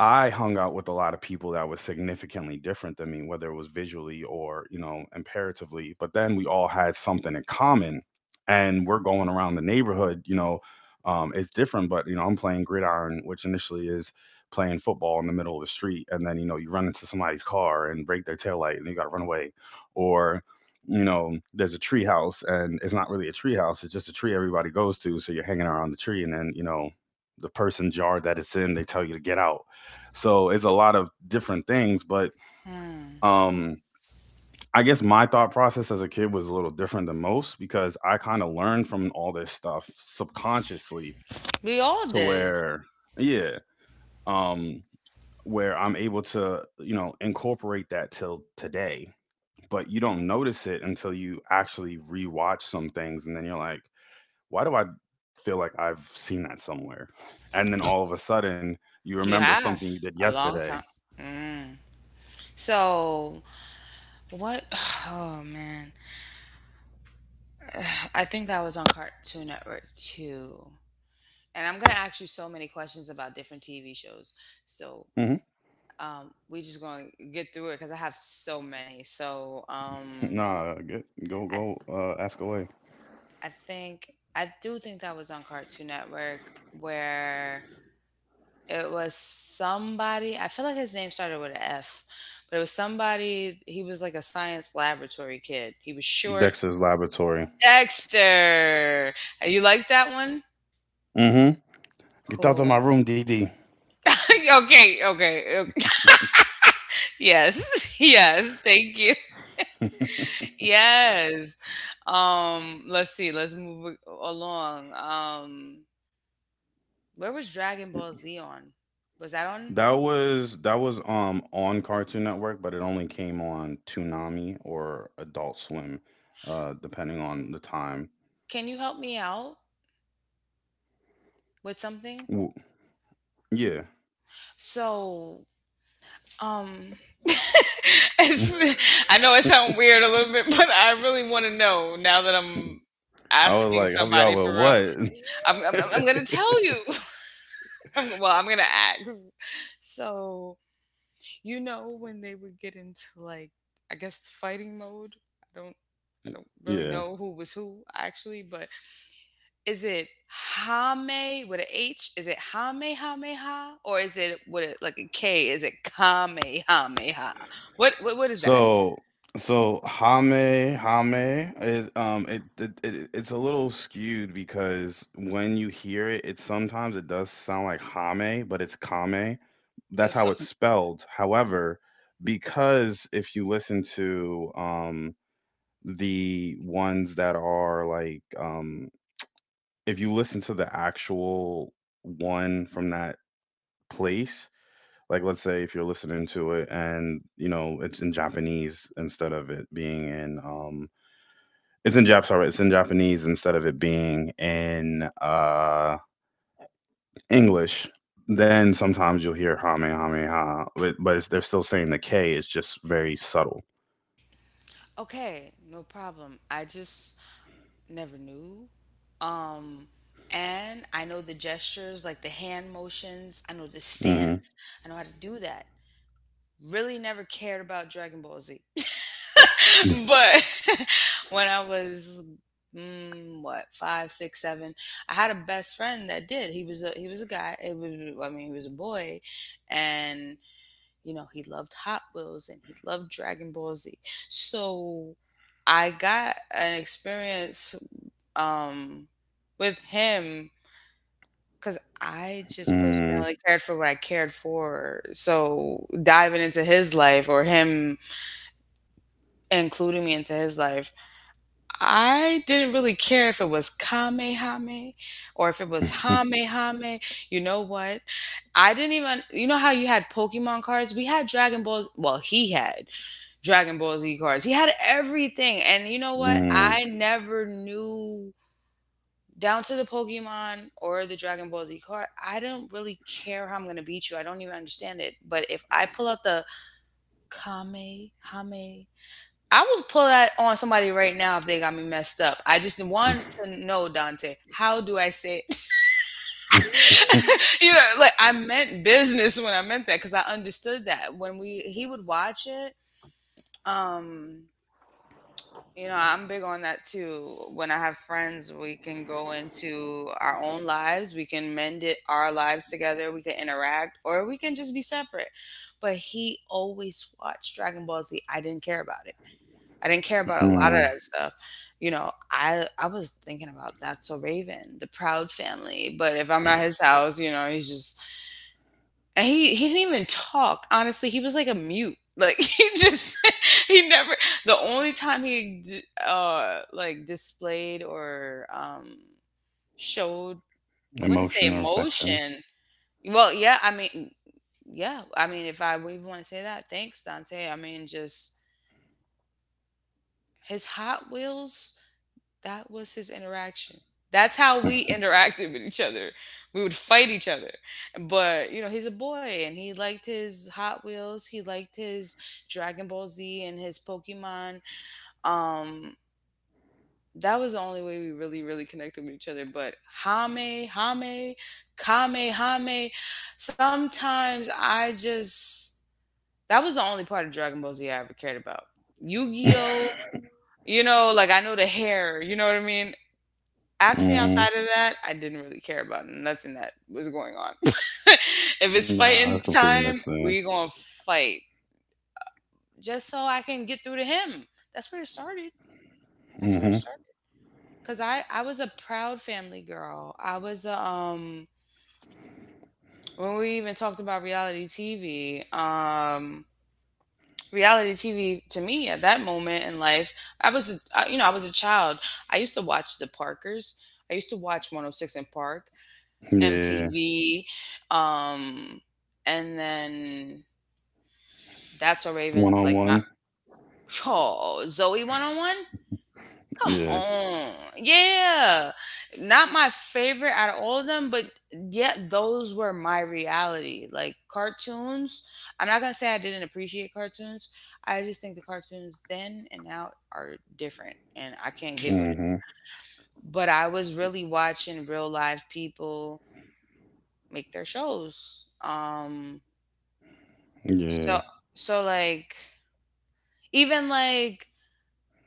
I hung out with a lot of people that was significantly different than me, whether it was visually or, you know, imperatively. But then we all had something in common. And we're going around the neighborhood, you know, it's different, but, you know, I'm playing gridiron, which initially is playing football in the middle of the street. And then, you know, you run into somebody's car and break their taillight and you got to run away. Or, you know, there's a tree house and it's not really a tree house, it's just a tree everybody goes to. So you're hanging around the tree and then, you know, the person's yard that it's in, they tell you to get out. So it's a lot of different things, but Hmm. um I guess my thought process as a kid was a little different than most because I kind of learned from all this stuff subconsciously, We all to did. where yeah, um where I'm able to, you know, incorporate that till today. But you don't notice it until you actually rewatch some things and then you're like, why do I feel like I've seen that somewhere? And then all of a sudden you You remember have something you did a long yesterday. time. Mm. So what? Oh man. I think that was on Cartoon Network too. And I'm gonna ask you so many questions about different TV shows. So Mm-hmm. We just gonna get through it because I have so many. So Nah, get, go I th- go ask away. I think I do think that was on Cartoon Network, where it was somebody. I feel like his name started with an F, but it was somebody. He was like a science laboratory kid. He was short. Dexter's Laboratory. Dexter. You like that one? Mm-hmm. Get out of my Cool. room, D. D. Okay, okay, okay. Yes. Yes. Thank you. Yes. Let's see. Let's move along. Where was Dragon Ball Z on? Was that on? That was on Cartoon Network, but it only came on Toonami or Adult Swim, depending on the time. Can you help me out with something? W- Yeah. So, um, it's, I know it sounds weird a little bit, but I really want to know now that I'm I was asking like, help y'all somebody with for real. what? I'm gonna tell you. Well, I'm gonna ask. So you know when they would get into, like, I guess the fighting mode. I don't really Yeah. know who was who actually, but is it Hame with a H? Is it Hame Hame Ha? Or is it with a, like a K? Is it Kame Hame Ha? What is that? So so Hame Hame is it, it's a little skewed because when you hear it, it sometimes it does sound like Hame, but it's Kame. Uh, That's how So it's spelled. However, because if you listen to the ones that are like if you listen to the actual one from that place, like let's say if you're listening to it and you know it's in Japanese, instead of it being in it's in Japanese instead of it being in English, then sometimes you'll hear Hame Hame Ha, but it's, they're still saying the K is just very subtle. Okay, no problem. I just never knew. Um, and I know the gestures, like the hand motions. I know the Hmm. stance. I know how to do that. Really never cared about Dragon Ball Z. Mm. But when I was, what, five, six, seven, I had a best friend that did. He was a guy. I mean, he was a boy, and you know, he loved Hot Wheels and he loved Dragon Ball Z. So I got an experience, um, with him, because I just personally cared for what I cared for. So diving into his life, or him including me into his life, I didn't really care if it was Kamehame or if it was Hamehame. You know what? I didn't even, you know how you had Pokemon cards? We had Dragon Balls. Well, he had. Dragon Ball Z cards. He had everything. And you know what? Mm. I never knew, down to the Pokemon or the Dragon Ball Z card. I don't really care how I'm going to beat you. I don't even understand it. But if I pull out the Kamehame, I will pull that on somebody right now if they got me messed up. I just want to know, Dante, how do I say it? You know, like I meant business when I meant that, because I understood that, when we he would watch it. Um, You know, I'm big on that too. When I have friends, we can go into our own lives. We can mend it, our lives together. We can interact, or we can just be separate. But he always watched Dragon Ball Z. I didn't care about it. I didn't care about a lot of Mm. that stuff. You know, I was thinking about That's So Raven, the Proud Family. But if I'm at his house, you know, he's just and he didn't even talk. Honestly, he was like a mute. Like, he just he never. The only time he like displayed or showed, I wouldn't say, Emotion or affection. emotion. Well, yeah, I mean, if I would even want to say that, thanks Dante. I mean, just his Hot Wheels. That was his interaction. That's how we interacted with each other. We would fight each other. But, you know, he's a boy and he liked his Hot Wheels, he liked his Dragon Ball Z and his Pokemon. Um that was the only way we really really connected with each other, but Hame, Hame, Kame, Hame, sometimes I just that was the only part of Dragon Ball Z I ever cared about. Yu-Gi-Oh, you know, like I know the hair, you know what I mean? Ask me outside Hmm. of that, I didn't really care about nothing that was going on. If it's Nah, fighting that's completely time, missing. we gonna fight just so I can get through to him. That's where it started. That's where it Hmm. started. Cause I was a proud family girl. When we even talked about reality TV. Reality TV, to me, at that moment in life, I was a, I- you know, I was a child. I used to watch The Parkers. I used to watch 106 and Park. Yeah. MTV, um, and then That's a Raven One is like on my one. oh, Zoe, One On One. Come Yeah. on, yeah, not my favorite out of all of them, but yet, those were my reality. Like cartoons, I'm not gonna say I didn't appreciate cartoons. I just think the cartoons then and now are different, and I can't get with it. Hmm. But I was really watching real live people make their shows. Yeah. So so like even like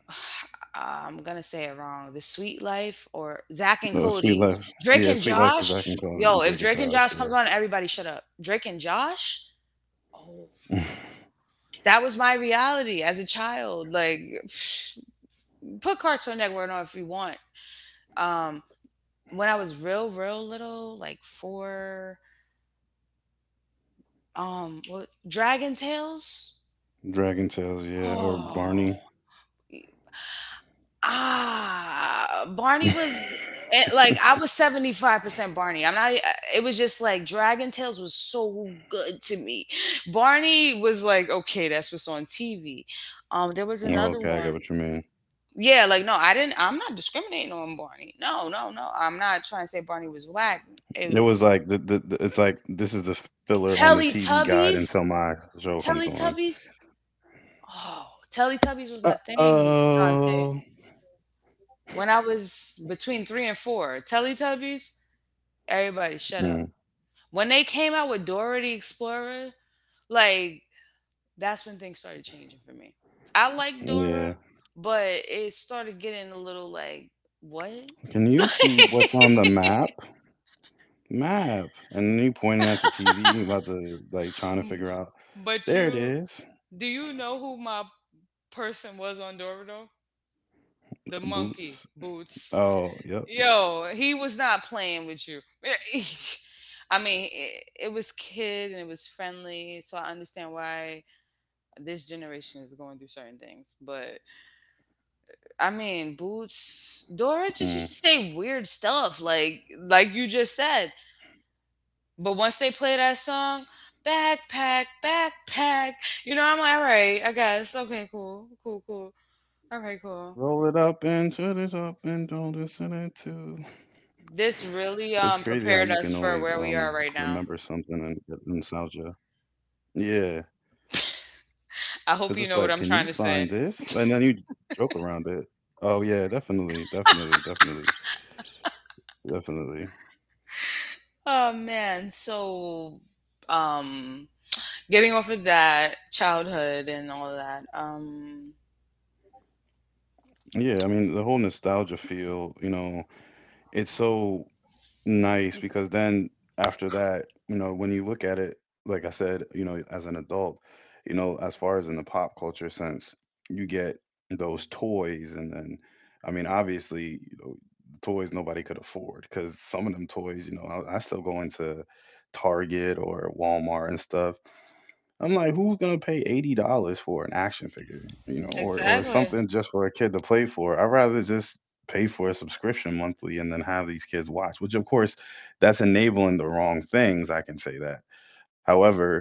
I'm gonna say it wrong. The Sweet Life or Zach and Sweet Cody, Life. Drake Yeah, and Sweet Life, as I Josh. can call Yo, it, if Drake and Drake and Josh. Josh comes on, everybody shut up. Drake and Josh. Oh, Yeah. that was my reality as a child. Like, put Cartoon Network on if you want. Um, when I was real, real little, like four. Dragon Tales. Dragon Tales. Yeah, or Barney. Oh. Ah, Barney was it, like I was 75% Barney. I'm not eh, it was just like Dragon Tales was so good to me. Barney was like, okay, that's what's on TV. There was Or another okay, I get what one. you mean. Yeah, like no, I'm not discriminating on Barney. No, no, no. I'm not trying to say Barney was whack. It It, was like the, it's like this is the filler on the TV guide until Teletubbies, my show comes on. Teletubbies. Oh, Teletubbies Uh was my thing, Dante. oh. When I was between 3 and 4, Teletubbies. Everybody shut up. Mm, When they came out with Dora the Explorer, like that's when things started changing for me. I like yeah. Dora, but it started getting a little like, what? Can you see what's on the map? Map. And you pointing at the TV about to like trying to figure out. but There it you is. Do you know who my person was on Dora though? The monkey Boots. Boots. Oh, yep. Yo, he was not playing with you. I mean, it was kid and it was friendly, so I understand why this generation is going through certain things. But I Mm. mean, Boots, Dora just used to say weird stuff, like you just said. But once they play that song, backpack, backpack, you know, I'm like, all right, I guess, okay, Roll it cool, up cool, and cool, shut it up all and right, don't cool. listen it to. It's crazy how you can always This really remember prepared us something for and where get we are right nostalgia. now. Yeah, because it's like, can you I find hope you know this? what I'm And then trying you to say. joke around it. Oh yeah, definitely, definitely, definitely, definitely. Oh man, so um, getting off of that childhood and all that. Yeah, I mean the whole nostalgia feel. You know, it's so nice, because then after that, you know, when you look at it, like I said, you know, as an adult, you know, as far as in the pop culture sense, you get those toys, and then, I mean, obviously, you know, toys nobody could afford, because some of them toys, you know, I still go into Target or Walmart and stuff, I'm like, who's gonna pay $80 for an action figure, you know, or Exactly. something just for a kid to play for? I'd rather just pay for a subscription monthly and then have these kids watch. Which, of course, that's enabling the wrong things. I can say that. However,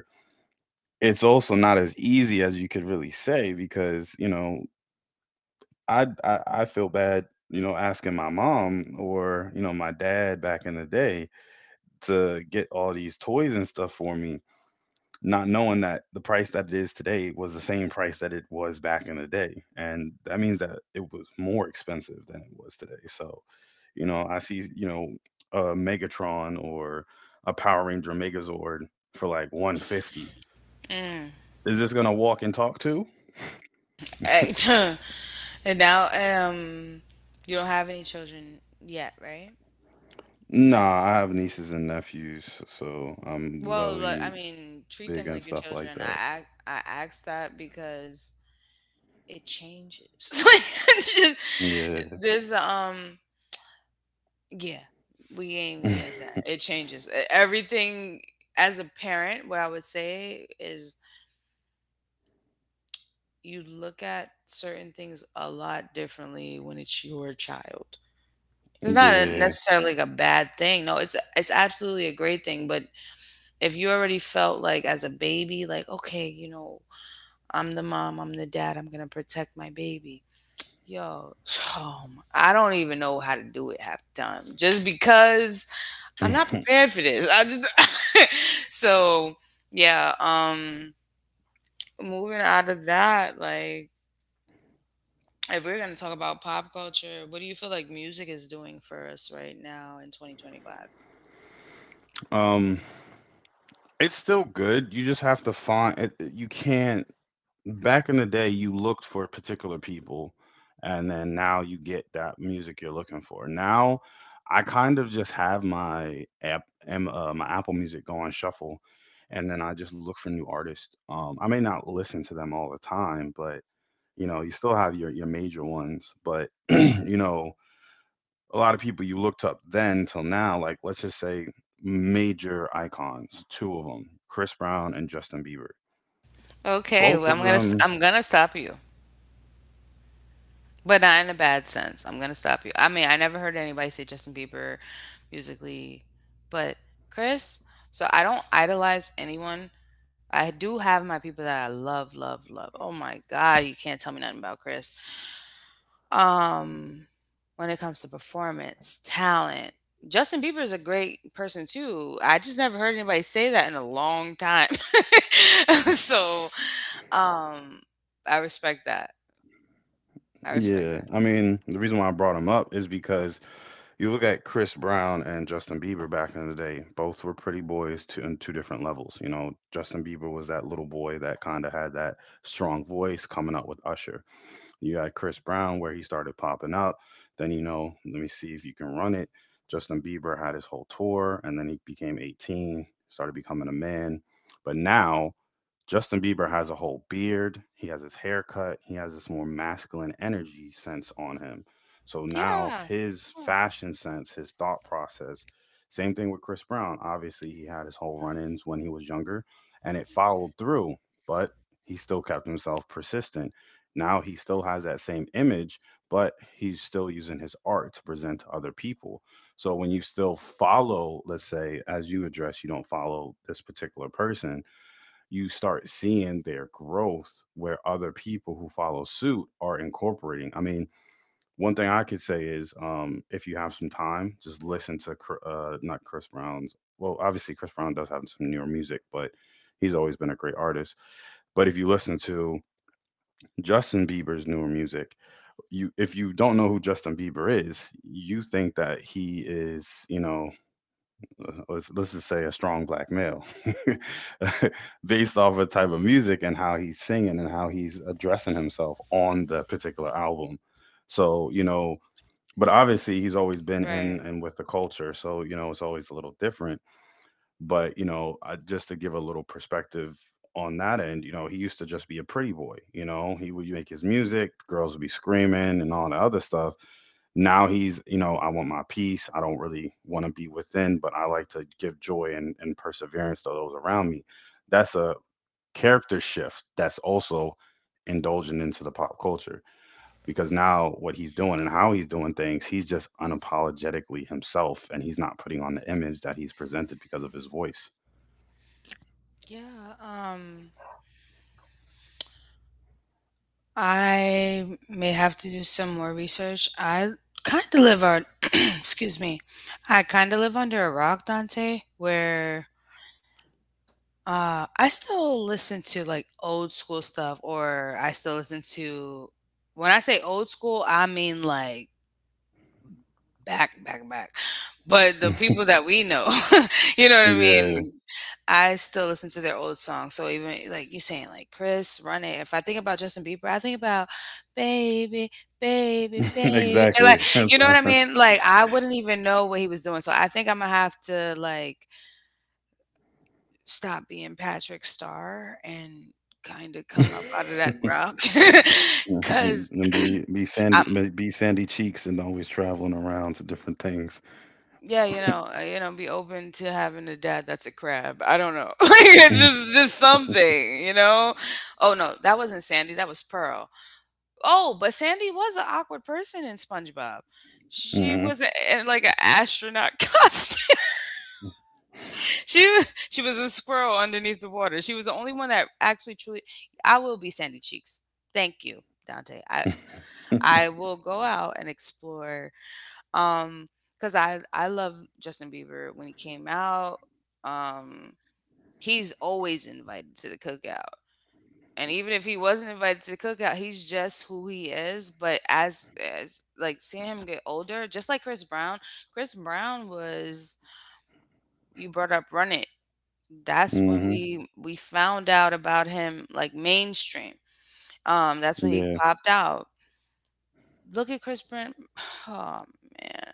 it's also not as easy as you could really say because, you know, I feel bad, you know, asking my mom or, you know, my dad back in the day to get all these toys and stuff for me, not knowing that the price that it is today was the same price that it was back in the day, and that means that it was more expensive than it was today. So, you know, I see, you know, a Megatron or a Power Ranger Megazord for like 150. Mm. Is this gonna walk and talk to? And now, you don't have any children yet, right? Nah, I have nieces and nephews, so I'm Well, look, I really mean, treat big them on like your stuff like children. that. I asked that because it changes. It's just- Yeah. this yeah, we ain't gonna get into that. It changes. E- Everything as a parent, what I would say is you look at certain things a lot differently when it's your child. It's not a Yeah. necessarily like a bad thing. No, it's absolutely a great thing. But if you already felt like as a baby, like okay, you know, I'm the mom, I'm the dad, I'm gonna protect my baby. Yo, oh my- I don't even know how to do it half the time, just because I'm not prepared for this. I just so yeah. Moving out of that, like if we're gonna talk about pop culture, what do you feel like music is doing for us right now in 2025? um it's still good, you just have to find it. You can't, back in the day you looked for particular people, and then now you get that music you're looking for. Now I kind of just have my app, my Apple Music go on shuffle, and then I just look for new artists. I may not listen to them all the time, but, you know, you still have your major ones, but you know, a lot of people you looked up then till now, like let's just say major icons, two of them: Chris Brown and Justin Bieber. Okay, well, Both of them. I'm gonna stop you, but not in a bad sense. I'm gonna stop you. I mean, I never heard anybody say Justin Bieber musically, but Chris. So I don't idolize anyone. I do have my people that I love, love, love. Oh my God, you can't tell me nothing about Chris. Um, when it comes to performance, talent, Justin Bieber is a great person too. I just never heard anybody say that in a long time. So, um, I respect that. I respect Yeah, that. I mean, the reason why I brought him up is because you look at Chris Brown and Justin Bieber back in the day. Both were pretty boys to, in two different levels. You know, Justin Bieber was that little boy that kind of had that strong voice coming up with Usher. You got Chris Brown where he started popping up. Then, you know, let me see if you can run it. Justin Bieber had his whole tour and then he became 18, started becoming a man. But now, Justin Bieber has a whole beard. He has his haircut. He has this more masculine energy sense on him. So now Yeah. his Huh. fashion sense, his thought process, same thing with Chris Brown. Obviously, he had his whole run ins when he was younger and it followed through, but he still kept himself persistent. Now he still has that same image, but he's still using his art to present to other people. So when you still follow, let's say, as you address, you don't follow this particular person, you start seeing their growth where other people who follow suit are incorporating. I mean, one thing I could say is, if you have some time, just listen to not Chris Brown's. Well, obviously Chris Brown does have some newer music, but he's always been a great artist. But if you listen to Justin Bieber's newer music, you, if you don't know who Justin Bieber is, you think that he is, you know, let's just say a strong black male based off of type of music and how he's singing and how he's addressing himself on the particular album. So, you Right. know, but obviously he's always been in and with the culture, so you know it's always a little different. But, you know, I, just to give a little perspective on that end, you know, he used to just be a pretty boy, you know, he would make his music, girls would be screaming and all the other stuff. Now he's, you know, I want my peace, I don't really want to be within, but I like to give joy and perseverance to those around me. That's a character shift that's also indulging into the pop culture, because now what he's doing and how he's doing things, he's just unapologetically himself, and he's not putting on the image that he's presented because of his voice. Yeah, I may have to do some more research. I kind of live on, excuse me, I kind of live under a rock, Dante, where I still listen to like old school stuff, or I still listen to, when I say old school, I mean like back, back, back. But the people that we know, you know what I Yeah. mean? I still listen to their old songs. So even like you saying, like Chris, Run It. If I think about Justin Bieber, I think about Baby, Baby, Baby. And Exactly, like, you that's know what all. I mean? Like, I wouldn't even know what he was doing. So I think I'm gonna have to like stop being Patrick Starr and kind of come up out of that And rock because be be sandy be Sandy Cheeks, and always traveling around to different things. yeah, Hmm. You know, be open to having a dad that's a crab. I don't know. Like, it's just something, you know. Oh no, that wasn't Sandy, that was Pearl. Oh, but Sandy was an awkward person in SpongeBob. She Hmm. was in like an astronaut costume. She was a squirrel underneath the water. She was the only one that actually truly I will be Sandy Cheeks. Thank you, Dante. I will go out and explore um, cause I love Justin Bieber when he came out. Um, he's always invited to the cookout. And even if he wasn't invited to the cookout, he's just who he is, but as like seeing him get older, just like Chris Brown, Chris Brown was you brought up Run It. That's when we found out about him like mainstream. That's when Yeah. he popped out. Look at Chris Brown. Oh man.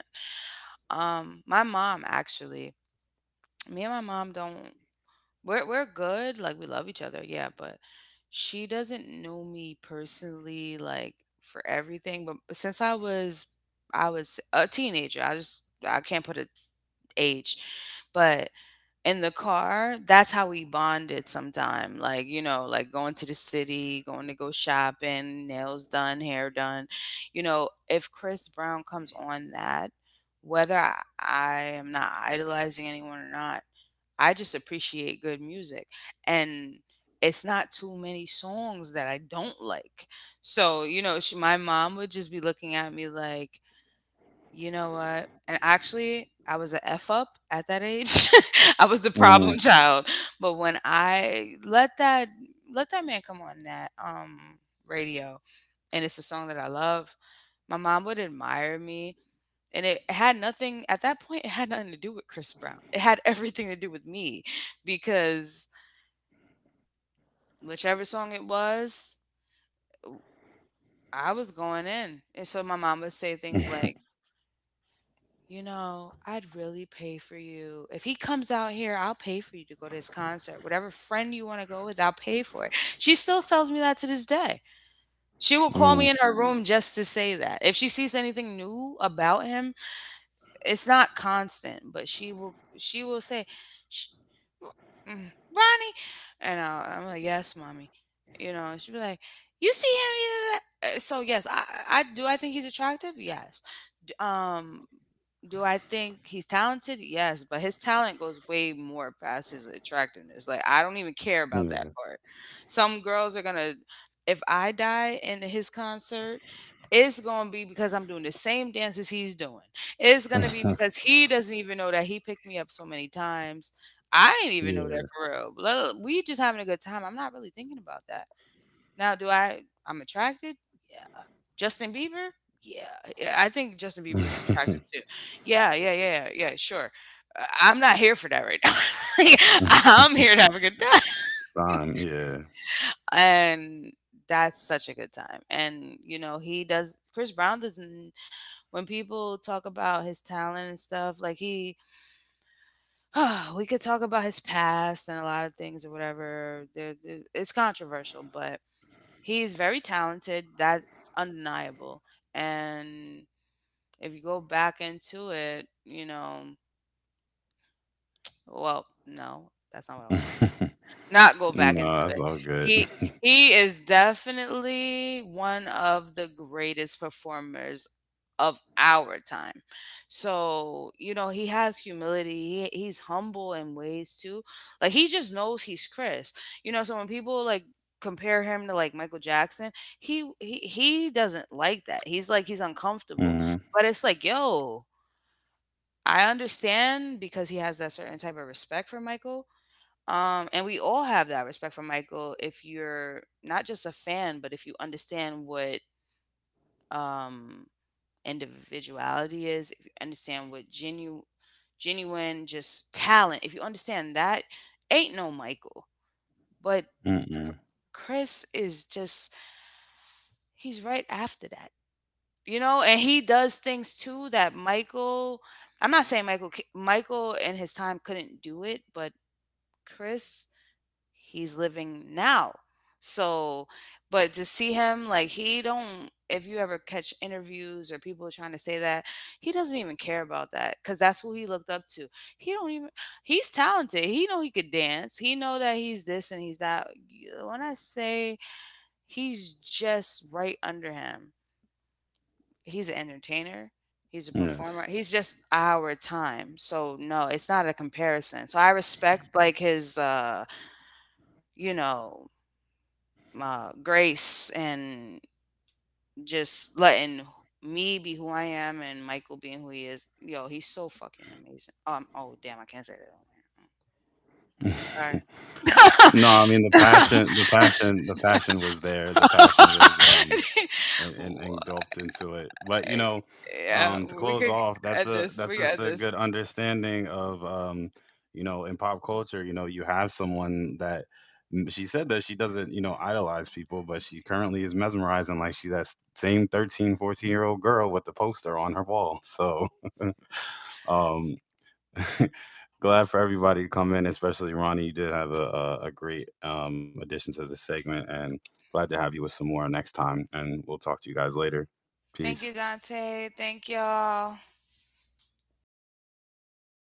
My mom actually Me and my mom don't we're good, like we love each other, yeah, but she doesn't know me personally like for everything, but since I was a teenager, I just I can't put a age. But in the car, that's how we bonded sometime. Like, you know, like going to the city, going to go shopping, nails done, hair done. You know, if Chris Brown comes on that, whether I am not idolizing anyone or not, I just appreciate good music. And it's not too many songs that I don't like. So, you know, my mom would just be looking at me like, you know what? And actually, I was a F up at that age. I was the Mm. problem child. But when I let that man come on that radio and it's a song that I love, my mom would admire me and it had nothing at that point, it had nothing to do with Chris Brown. It had everything to do with me because whichever song it was, I was going in. And so my mom would say things like, you know, I'd really pay for you. If he comes out here, I'll pay for you to go to his concert. Whatever friend you want to go with, I'll pay for it. She still tells me that to this day. She will call Mm. me in her room just to say that. If she sees anything new about him, it's not constant, but she will say, "Sh- mm, Ronnie." And I'm like, yes, mommy. You know, she'd be like, you see him? Yeah, yeah, yeah. So yes, I do. I think he's attractive. Yes. D- Um, do I think he's talented? Yes, but his talent goes way more past his attractiveness. Like I don't even care about Yeah. that part. Some girls are gonna, if I die in his concert, it's gonna be because I'm doing the same dances he's doing. It's gonna be because he doesn't even know that he picked me up so many times I didn't even know Yeah. that for real. We just having a good time. I'm not really thinking about that. Now, do I? I'm attracted. Yeah. Justin Bieber. Yeah. Yeah. I think Justin Bieber is attractive too. Yeah. Yeah. Yeah. Yeah. Sure. I'm not here for that right now. Like, I'm here to have a good time, Fine. Yeah. and that's such a good time. And you know, he does. Chris Brown doesn't. When people talk about his talent and stuff, like he we could talk about his past and a lot of things or whatever. It's controversial, but he's very talented. That's undeniable. And if you go back into it, you know, well, no, that's not what I want to not go back No, into that's it. all good. He he is definitely one of the greatest performers of our time. So, you know, he has humility. He's humble in ways too. Like he just knows he's Chris. You know, so when people like compare him to like Michael Jackson, he doesn't like that. He's like he's uncomfortable. Hmm. But it's like, yo, I understand because he has that certain type of respect for Michael and we all have that respect for Michael if you're not just a fan, but if you understand what um, individuality is, if you understand what genuine just talent, if you understand that, ain't no Michael. But Chr- Mm-mm. Chris is just, he's right after that. You know, and he does things too that Michael, I'm not saying Michael, Michael in his time couldn't do it, but Chris he's living now. So, but to see him like he don't if you ever catch interviews or people trying to say that he doesn't even care about that cuz that's who he looked up to. He don't even He's talented. He know he could dance. He know that he's this and he's that. When I say he's just right under him. He's an entertainer. He's a Yes. performer. He's just our time. So no, it's not a comparison. So I respect like his you know grace and just letting me be who I am and Michael being who he is. Yo, he's so fucking amazing. Oh damn, I can't say that on here. No, I mean the Sorry. passion. The passion. The passion was there. The passion was. And, and, Why- and delved into it. But you know, yeah, to we close could off, that's add a this. that's We could just add a good this. understanding of, you know, in pop culture, you know, you have someone that, she said that she doesn't, you know, idolize people, but she currently is mesmerizing, like she's that same 13, 14 year old girl with the poster on her wall. So, um, glad for everybody to come in, especially Ronnie. You did have a great addition to this segment, and glad to have you with some more next time. And we'll talk to you guys later. Thank Peace. you, Dante. Thank y'all.